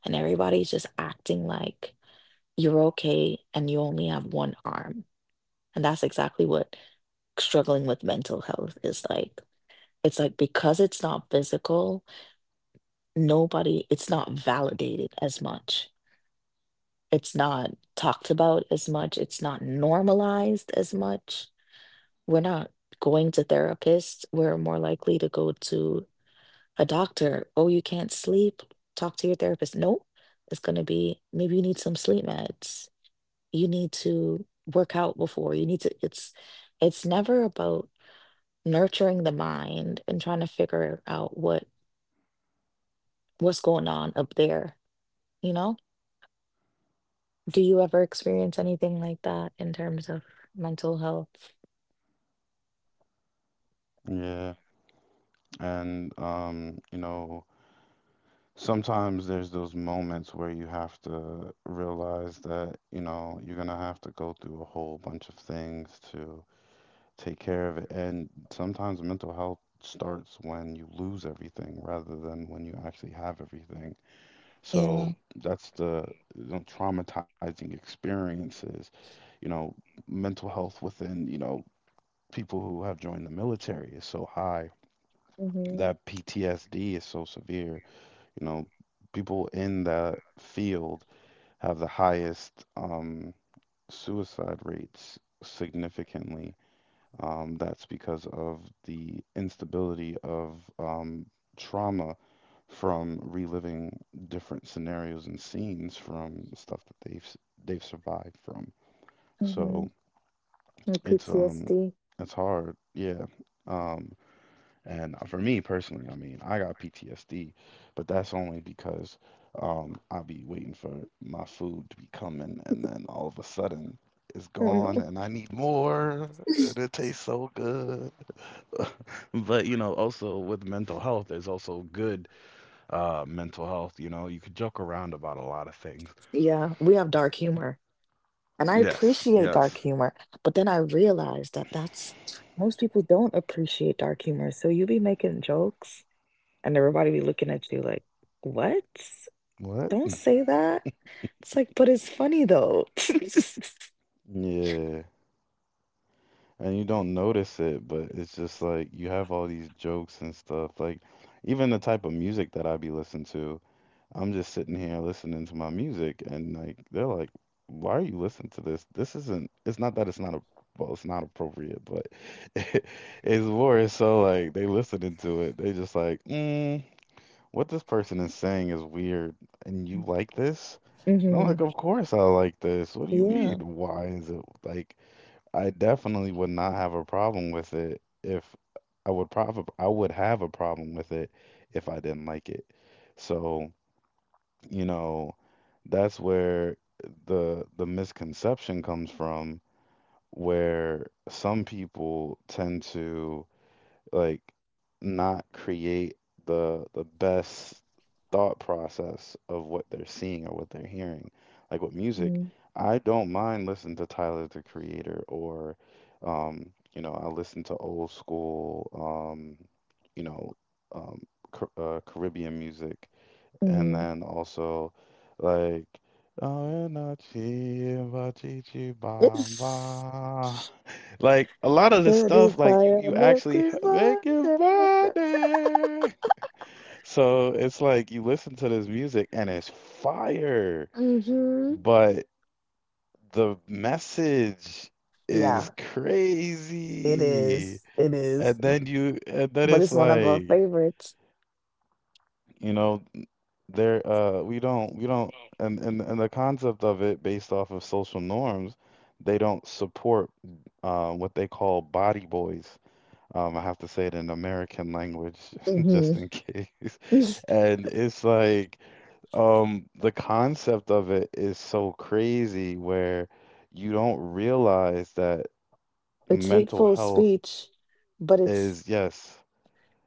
and everybody's just acting like you're okay and you only have one arm. And that's exactly what struggling with mental health is like. It's like because it's not physical, nobody, it's not validated as much. It's not talked about as much. It's not normalized as much. We're not going to therapists. We're more likely to go to a doctor. Oh, you can't sleep. Talk to your therapist. Nope. It's going to be maybe you need some sleep meds, you need to work out before you need to, it's never about nurturing the mind and trying to figure out what's going on up there, you know? Do you ever experience anything like that in terms of mental health? Yeah. And you know, sometimes there's those moments where you have to realize that, you know, you're gonna have to go through a whole bunch of things to take care of it. And sometimes mental health starts when you lose everything rather than when you actually have everything. Yeah. So that's the, you know, traumatizing experiences, you know, mental health within, you know, people who have joined the military is so high Mm-hmm, that PTSD is so severe. You know, people in that field have the highest suicide rates significantly. That's because of the instability of trauma from reliving different scenarios and scenes from stuff that they've survived from. mm-hmm. So it's PTSD. um it's hard, yeah. Um, and for me personally, I mean, I got PTSD, but that's only because I be waiting for my food to be coming, and then all of a sudden it's Oh no. gone, and I need more, and it tastes so good. But you know, also with mental health, there's also good mental health. You know, you could joke around about a lot of things. Yeah, we have dark humor and I Yes, appreciate dark yes. humor, but then I realized that that's, most people don't appreciate dark humor, so you be making jokes. And everybody be looking at you like, "What? What? Don't say that." It's like, "But it's funny though." Yeah. And you don't notice it, but it's just like you have all these jokes and stuff. Like even the type of music that I be listening to, I'm just sitting here listening to my music, and like they're like, "Why are you listening to this? This isn't. It's not that it's not a, well, it's not appropriate, but it's more so like they listening to it. They just like, mm, what this person is saying is weird, and you like this." And I'm Mhm. like, of course I like this. What do you mean? Yeah. Why is it like I definitely would not have a problem with it if I would probably I would have a problem with it if I didn't like it. So, you know, that's where the misconception comes from where some people tend to like not create the best thought process of what they're seeing or what they're hearing. Like with music, Mhm. I don't mind listening to Tyler the Creator or, um, you know, I listen to old school, um, you know, um, Caribbean music, and Mhm. then also like, oh no chi ba chi chi ba It's ba. Like a lot of this Sunny stuff, like you fire, actually milky. Make it money. So it's like you listen to this music and it's fire, Mhm. but the message is Yeah, it crazy. is. It is. And then you and then But it's it's one of our like, favorites. you know, there, we don't, and the concept of it based off of social norms, they don't support what they call body boys. I have to say it in American language Mhm. just in case. And it's like, the concept of it is so crazy where you don't realize that It's mental hateful health speech, but it's, is, yes,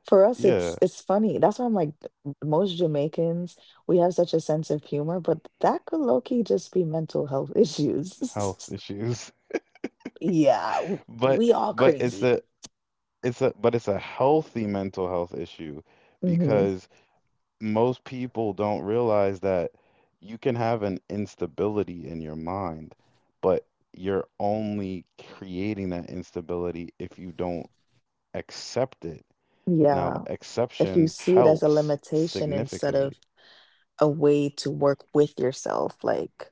for us, yeah, it's funny. That's why I'm like, most Jamaicans, we have such a sense of humor, but that could low-key just be mental health health issues. issues, Yeah, but we all but it's crazy. the, it's a, but it's a healthy mental health issue Hmm. because most people don't realize that you can have an instability in your mind, but you're only creating that instability if you don't accept it. Now, Yeah. exception If you see it as a helps limitation significantly. instead of a way to work with yourself, like,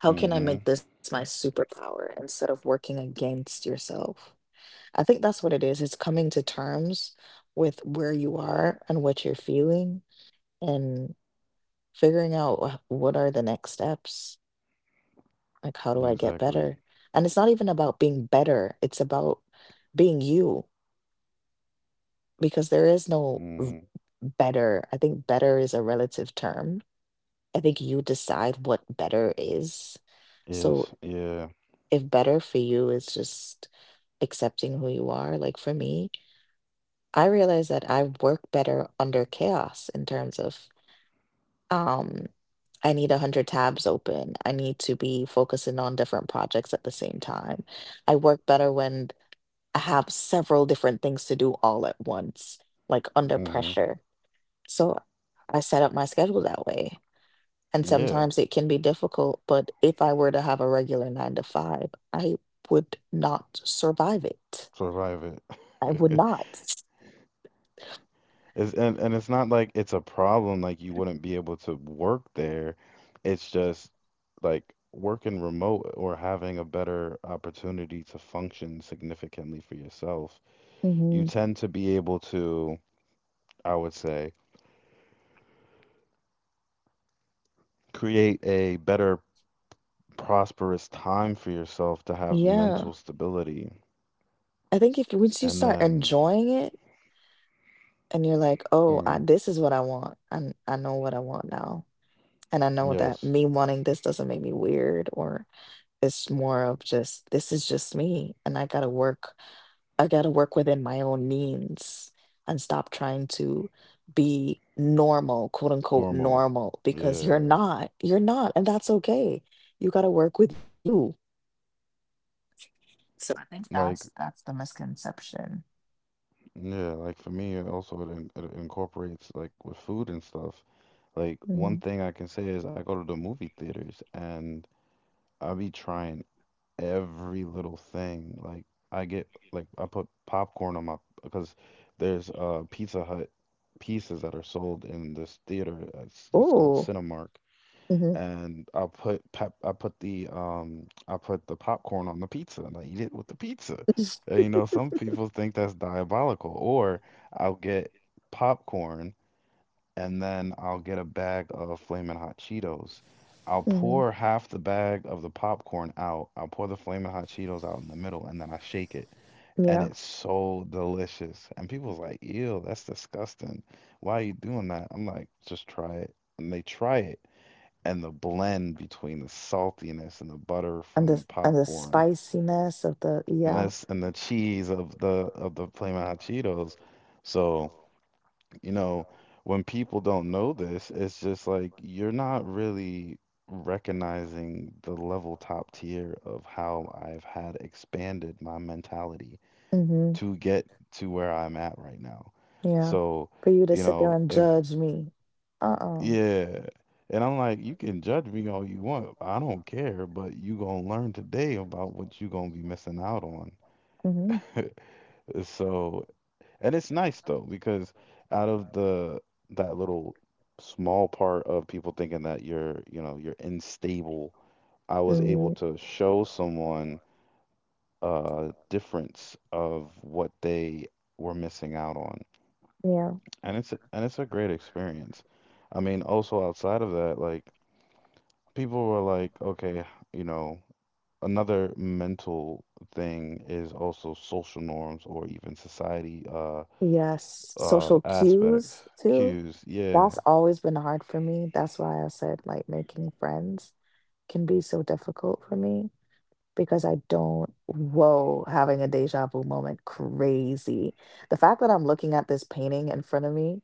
how can I make this my superpower instead of working against yourself? I think that's what it is. It's coming to terms with where you are and what you're feeling, and figuring out what are the next steps, like how do I get Exactly. better? And it's not even about being better, it's about being you. Because there is no Mm-hmm. better. I think better is a relative term. I think you decide what better is. So Is yeah. if better for you is just accepting who you are, like for me, I realize that I work better under chaos in terms of Um, I need 100 tabs open. I need to be focusing on different projects at the same time. I work better when I have several different things to do all at once, like under Hmm. pressure. So I set up my schedule that way. And Yeah. sometimes it can be difficult, but if I were to have a regular nine to five, I would not survive it. Survive I would it. not. It's, and it's not like it's a problem, like you wouldn't be able to work there. It's just like working remote or having a better opportunity to function significantly for yourself. You Mhm. tend to be able to, I would say, create a better prosperous time for yourself to have Yeah. mental stability. I think if once you And start then, enjoying it, and you're like, "Oh, I, mm, this is what I want. I know what I want now." And I know that yes, me wanting this doesn't make me weird or it's more of just this is just me and I got to work within my own means and stop trying to be normal, quote unquote normal. normal because you're Yeah. not. You're not and that's okay. You got to work with you. So I think that's Like, that's the misconception. yeah, like for me, it also it, it incorporates like with food and stuff. Like Hmm. one thing I can say is I go to the movie theaters and I be trying every little thing. Like I get like I put popcorn on my, because there's Pizza Hut pieces that are sold in this theater that's called Oh. Cinemark, Hmm. and I put the popcorn on the pizza and I eat it with the pizza. And, you know, some people think that's diabolical, or I'll get popcorn and then I'll get a bag of Flamin' Hot Cheetos. I'll Hmm. pour half the bag of the popcorn out. I'll pour the Flamin' Hot Cheetos out in the middle, and then I shake it. And Yeah. it's so delicious. And people's like, ew, that's disgusting. Why are you doing that? I'm like, just try it. And they try it. And the blend between the saltiness and the butter and from the the and the popcorn, spiciness of the, and, yeah. this, and the cheese of the Flamin' Hot Cheetos. So you know, when people don't know this, it's just like you're not really recognizing the level top tier of how I've had expanded my mentality Hmm. to get to where I'm at right now. Yeah. So, For you to you sit there know, and if, judge me, uh-uh. yeah. And I'm like, you can judge me all you want. I don't care, but you gonna learn today about what you gonna be missing out on. Hmm. So, and it's nice though, because out of the that little small part of people thinking that you're, you know, you're unstable, I was able Hmm. to show someone a difference of what they were missing out on. Yeah. And it's a great experience. I mean, also outside of that, like people were like, okay, you know, another mental thing is also social norms or even society Yes. uh, Social aspects, cues too. cues, yeah. That's always been hard for me. That's why I said like making friends can be so difficult for me because I don't, whoa, having a deja vu moment, crazy. The fact that I'm looking at this painting in front of me,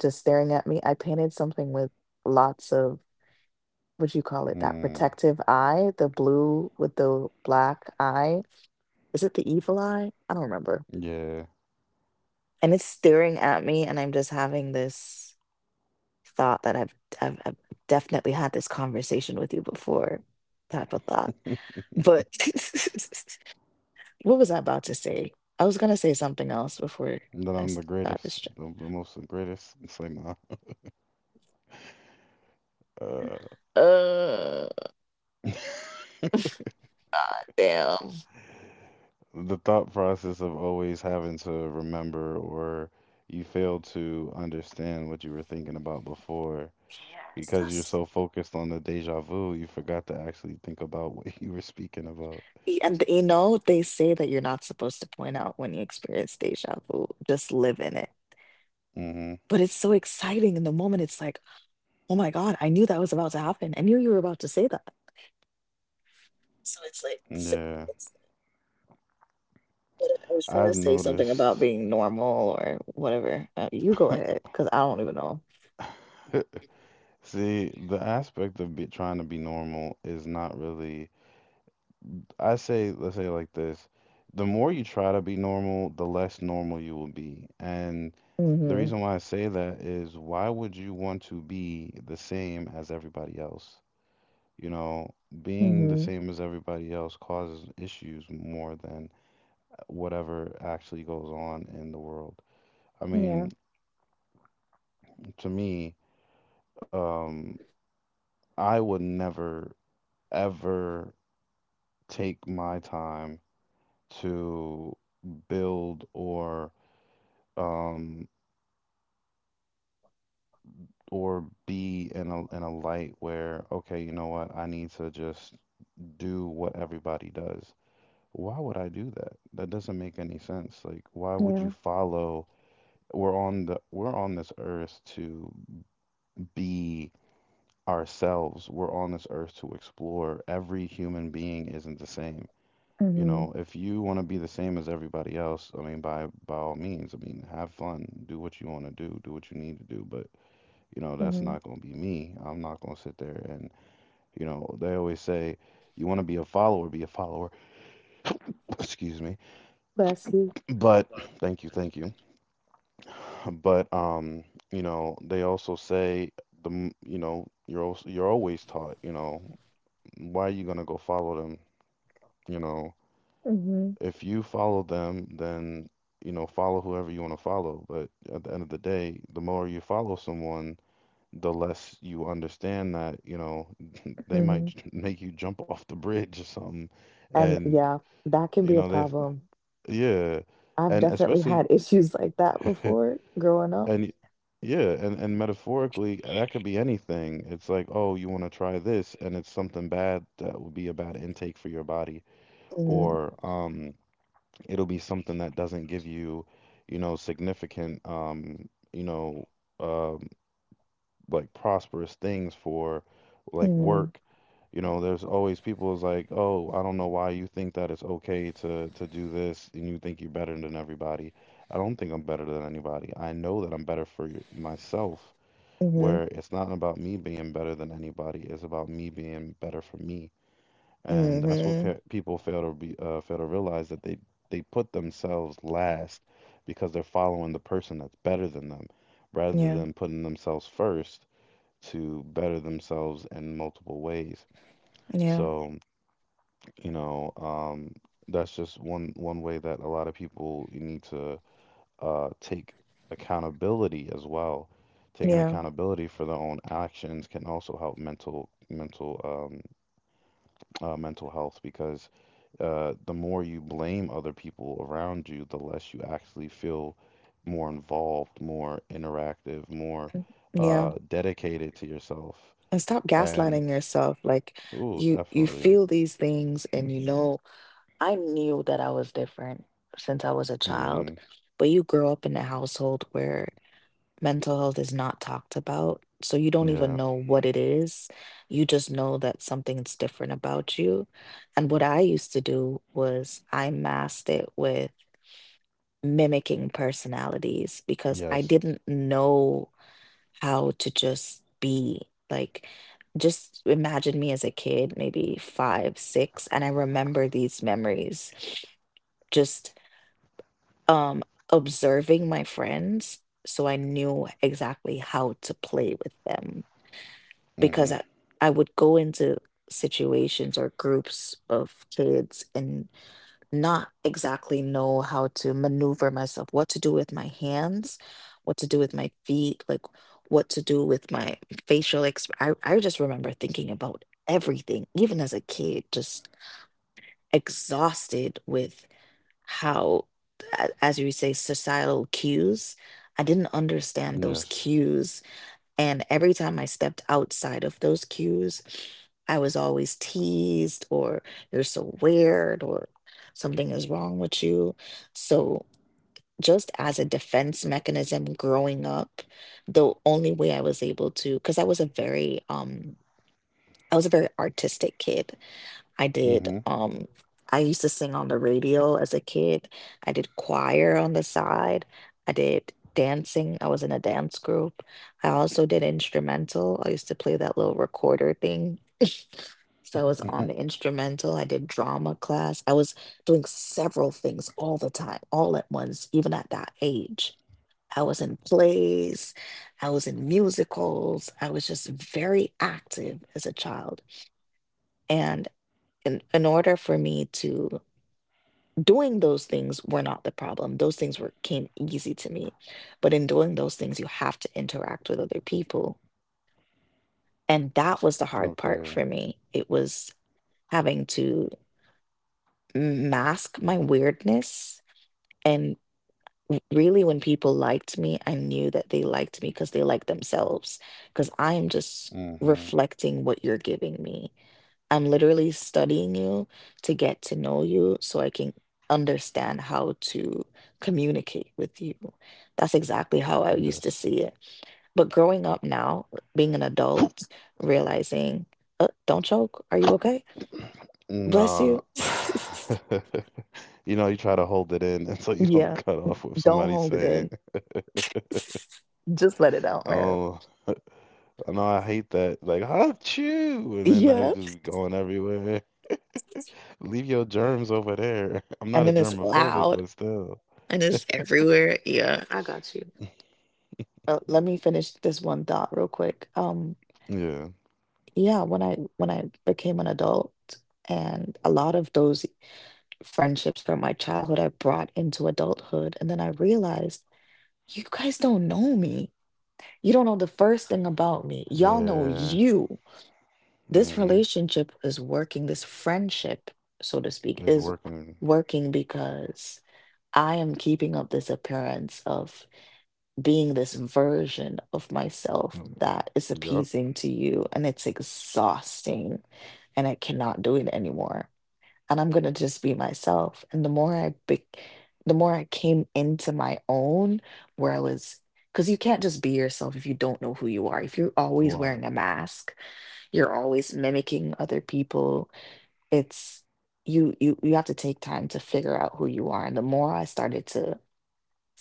just staring at me, I painted something with lots of, would you call it? That Mm, protective eye, the blue with the black eye. Is it the evil eye? I don't remember. yeah. And it's staring at me, and I'm just having this thought that I've definitely had this conversation with you before, type of thought. But what was I about to say? I was gonna say something else before That I'm the got greatest, distracted. The most the greatest. It's like my, uh, Uh, God damn. the thought process of always having to remember or you fail to understand what you were thinking about before Yes, because you're that's— so focused on the deja vu, you forgot to actually think about what you were speaking about. And you know, they say that you're not supposed to point out when you experience deja vu, just live in it. Hmm. But it's so exciting in the moment. It's like, oh my God, I knew that was about to happen. I knew you were about to say that. So it's like, Yeah. it's— what I was trying to I've say something about noticed. being normal or whatever. You go ahead, because I don't even know. See, the aspect of be, trying to be normal is not really. I say, let's say it like this. The more you try to be normal, the less normal you will be. And the Hmm. reason why I say that is why would you want to be the same as everybody else? You know, being the same as everybody else causes issues more than whatever actually goes on in the world. I mean, to me, um, I would never, ever take my time to build um or be in a light where, okay, you know what, I need to just do what everybody does. Why would I do that? That doesn't make any sense. Like, why would Yeah. you follow? We're on this earth to be ourselves. We're on this earth to explore. Every human being isn't the same. You Hmm. know, if you want to be the same as everybody else, I mean, by all means, I mean, have fun, do what you want to do, do what you need to do, but you know, that's Hmm. not going to be me. I'm not going to sit there and, you know, they always say, you want to be a follower, be a follower. Excuse me. Bless you. But thank you, thank you. But you know, they also say the, you know, you're also, you're always taught, you know, why are you going to go follow them? You know, Hmm. if you follow them, then you know, follow whoever you want to follow. But at the end of the day, the more you follow someone, the less you understand that, you know, Hmm. Make you jump off the bridge or something. And And, yeah, that can you be a know, they, problem. yeah. I've And definitely had especially, issues like that and before growing up. y- yeah, and metaphorically, that could be anything. It's like, oh, you want to try this, and it's something bad that would be a bad intake for your body, or it'll be something that doesn't give you, you know, significant, you know, uh, like prosperous things for like Mm, work. You know, there's always people is like, "Oh, I don't know why you think that it's okay to do this and you think you're better than everybody." I don't think I'm better than anybody. I know that I'm better for myself, mhm, where it's not about me being better than anybody, it's about me being better for me. And that's what mhm. pe people fail to be fail to realize that they put themselves last because they're following the person that's better than them rather Yeah, than putting themselves first to better themselves in multiple ways. yeah, So, you know, that's just one way that a lot of people need to take accountability as well. Taking yeah, accountability for their own actions can also help mental health because the more you blame other people around you, the less you actually feel more involved, more interactive, more yeah. Dedicated to yourself. And stop And. gaslighting yourself. Like, Oh, you definitely. feel these things and you know I knew that I was different since I was a child, Mm-hmm. but you grow up in a household where mental health is not talked about. So you don't even Yeah. know what it is. You just know that something's different about you. And what I used to do was I masked it with mimicking personalities because I Yes. didn't know how to just be. Like, just imagine me as a kid, maybe five, six, and I remember these memories just um observing my friends so I knew exactly how to play with them Mm-hmm. because I would go into situations or groups of kids and not exactly know how to maneuver myself, what to do with my hands, what to do with my feet, like what to do with my facial exp I just remember thinking about everything, even as a kid, just exhausted with how, as you say, societal cues. I didn't understand Yes. those cues and every time I stepped outside of those cues, I was always teased or you're so weird or something is wrong with you. So, just as a defense mechanism growing up, the only way I was able to, because I was a very, I was a very artistic kid. I Mm-hmm. did, um, I used to sing on the radio as a kid. I did choir on the side. I did dancing. I was in a dance group. I also did instrumental. I used to play that little recorder thing. So I was Mm-hmm. on the instrumental. I did drama class. I was doing several things all the time, all at once, even at that age. I was in plays, I was in musicals. I was just very active as a child. And in order for me to, doing those things were not the problem, those things were came easy to me, but in doing those things you have to interact with other people and that was the hard part Okay. for me. It was having to mask my weirdness. And really when people liked me, I knew that they liked me because they liked themselves, because I am just Mm-hmm. reflecting what you're giving me. I'm literally studying you to get to know you so I can understand how to communicate with you. That's exactly how I used to Yes. see it. But growing up now, being an adult, realizing— don't choke, are you okay? Bless Nah. you. You know, you try to hold it in until you don't Yeah, cut off with don't somebody hold it saying, in. Just let it out, man. "Oh, no, I hate that." Like, "Achoo!" And then I Yeah. was just going everywhere. Leave your germs over there. And I'm then not a it's germophobic, loud but still. and it's everywhere. Yeah, I got you. Let me finish this one thought real quick. Yeah. Yeah, when I became an adult and a lot of those friendships from my childhood I brought into adulthood and then I realized you guys don't know me. You don't know the first thing about me. Y'all know Yeah. you. This Mm-hmm. relationship is working, this friendship, so to speak, It's is working. working because I am keeping up this appearance of being this version of myself that is Yup. appeasing to you and it's exhausting and I cannot do it anymore and I'm going to just be myself and the more I came into my own where I was, cuz you can't just be yourself if you don't know who you are, if you're always wearing Why? a mask, you're always mimicking other people. It's, you you have to take time to figure out who you are, and the more I started to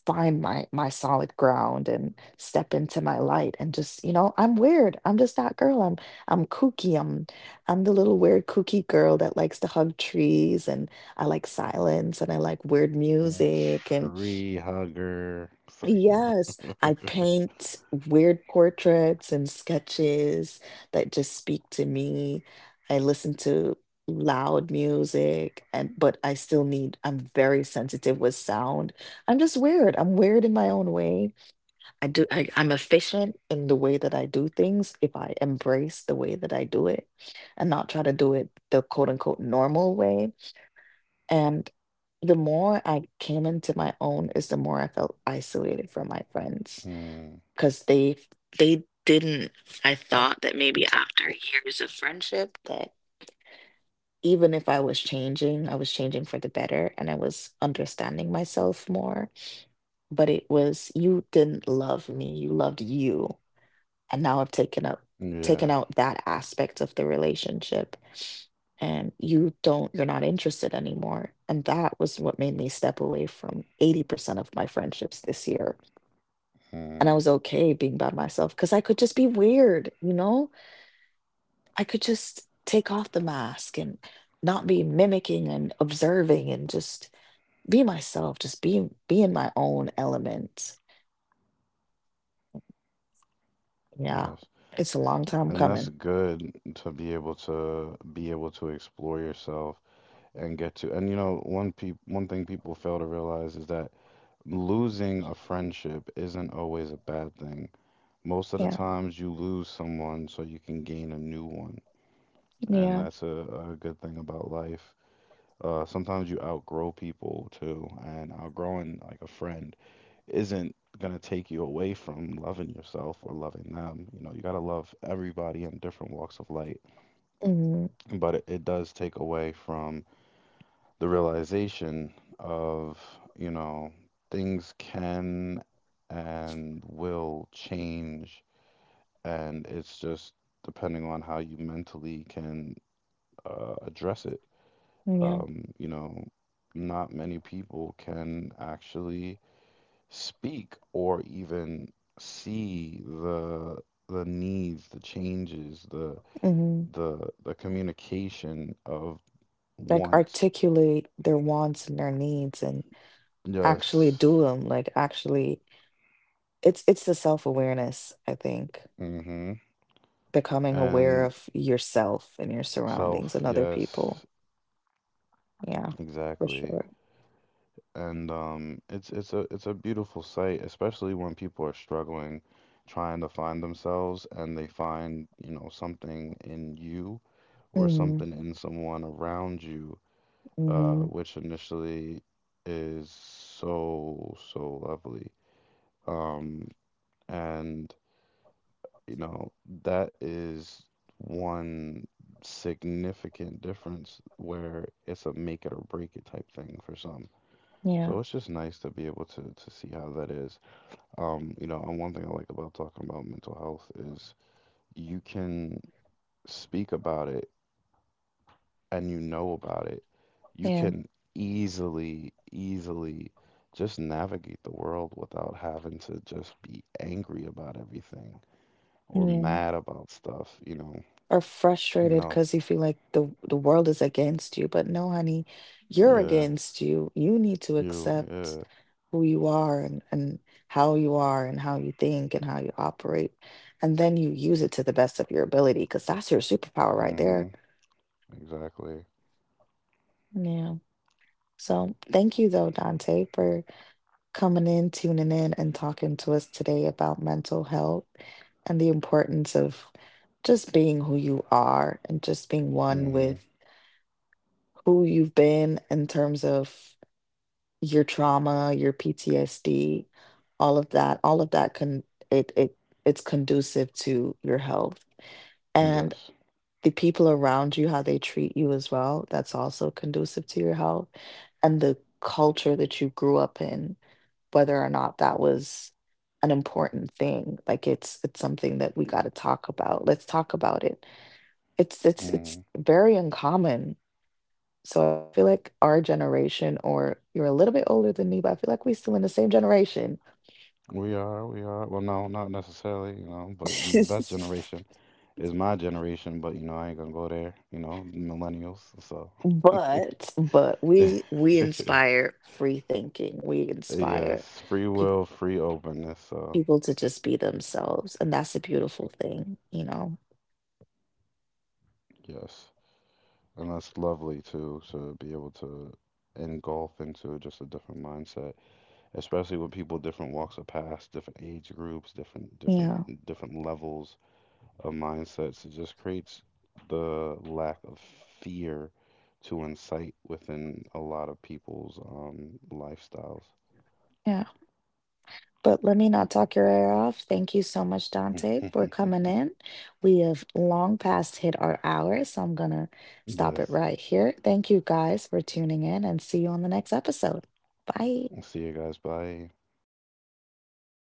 find my solid ground and step into my light and just, you know, I'm weird, I'm just that girl, I'm kooky, I'm the little weird kooky girl that likes to hug trees, and I like silence and I like weird Mm, music, and tree hugger. It's like, yes, I paint weird portraits and sketches that just speak to me. I listen to loud music and but I still need, I'm very sensitive with sound. I'm just weird. I'm weird in my own way. I'm efficient in the way that I do things if I embrace the way that I do it and not try to do it the quote unquote normal way. And the more I came into my own is the more I felt isolated from my friends mm, because they didn't— I thought that maybe after years of friendship that even if I was changing, I was changing for the better and I was understanding myself more. But it was you didn't love me, you loved you, and now I've taken up, taken yeah, out that aspect of the relationship and you're not interested anymore, and that was what made me step away from 80% of my friendships this year. And I mm, was okay being by myself because I could just be weird, you know. I could just take off the mask and not be mimicking and observing and just be myself, just be in my own element. Yeah, yes, it's a long time and that's coming. good to be able to be able to explore yourself and get to. And you know, one thing people fail to realize is that losing a friendship isn't always a bad thing. Most of the Yeah, times, you lose someone so you can gain a new one, and yeah. that's a good thing about life. Sometimes you outgrow people too, and outgrowing like a friend isn't gonna take you away from loving yourself or loving them. You know, you gotta love everybody in different walks of life. Hmm. But it does take away from the realization of, you know, things can and will change, and it's just depending on how you mentally can address it. Yeah. You know, not many people can actually speak or even see the needs, the changes, the Hmm. the the communication of Like wants. articulate their wants and their needs and actually Yes. do them. Like, actually, it's the self-awareness, I think. Mm-hmm. Becoming aware And of yourself and your surroundings self, and other people. yes, Yeah, for sure. exactly. And it's it's a beautiful sight, especially when people are struggling trying to find themselves and they find, you know, something in you or Mm-hmm. something in someone around you, Mm-hmm. which initially is so, so lovely. Um, and, you know, that is one significant difference where it's a make it or break it type thing for some. Yeah. So it's just nice to be able to see how that is. You know, and one thing I like about talking about mental health is you can speak about it and you know about it, you Yeah. can easily, easily just navigate the world without having to just be angry about everything or Yeah. mad about stuff, you know. Or You frustrated know, because you feel like the world is against you. But no, honey, you're yeah, against you. You need to you, yeah, accept who you are, and how you are and how you think and how you operate. And then you use it to the best of your ability because that's your superpower right mm-hmm, there. exactly, Yeah. So thank you though, Dante, for coming in, tuning in, and talking to us today about mental health and the importance of just being who you are and just being one mm-hmm, with who you've been in terms of your trauma, your PTSD, all of that can, it it's conducive to your health. And yes, the people around you, how they treat you as well, that's also conducive to your health. And the culture that you grew up in, whether or not that was an important thing. Like, it's something that we gotta talk about. Let's talk about it. It's mm-hmm. very uncommon, so I feel like our generation, or you're a little bit older than me, but I feel like we are still in the same generation. We are, we are. Well, no, not necessarily, you know, but you know, the best generation is my generation, but you know, I ain't gonna go there, you know, millennials, so. But we inspire free thinking. We inspire Yes, free peop will, free openness. So, people to just be themselves, and that's a beautiful thing, you know? yes. And that's lovely too, to be able to engulf into just a different mindset, especially with people different walks of past, different age groups, different Yeah, different levels of mindsets. It just creates the lack of fear to incite within a lot of people's lifestyles. yeah. But let me not talk your ear off. Thank you so much, Dante, for coming in. We have long past hit our hour, so I'm going to stop it Yes. right here. Thank you guys for tuning in and see you on the next episode. Bye. See you guys. Bye.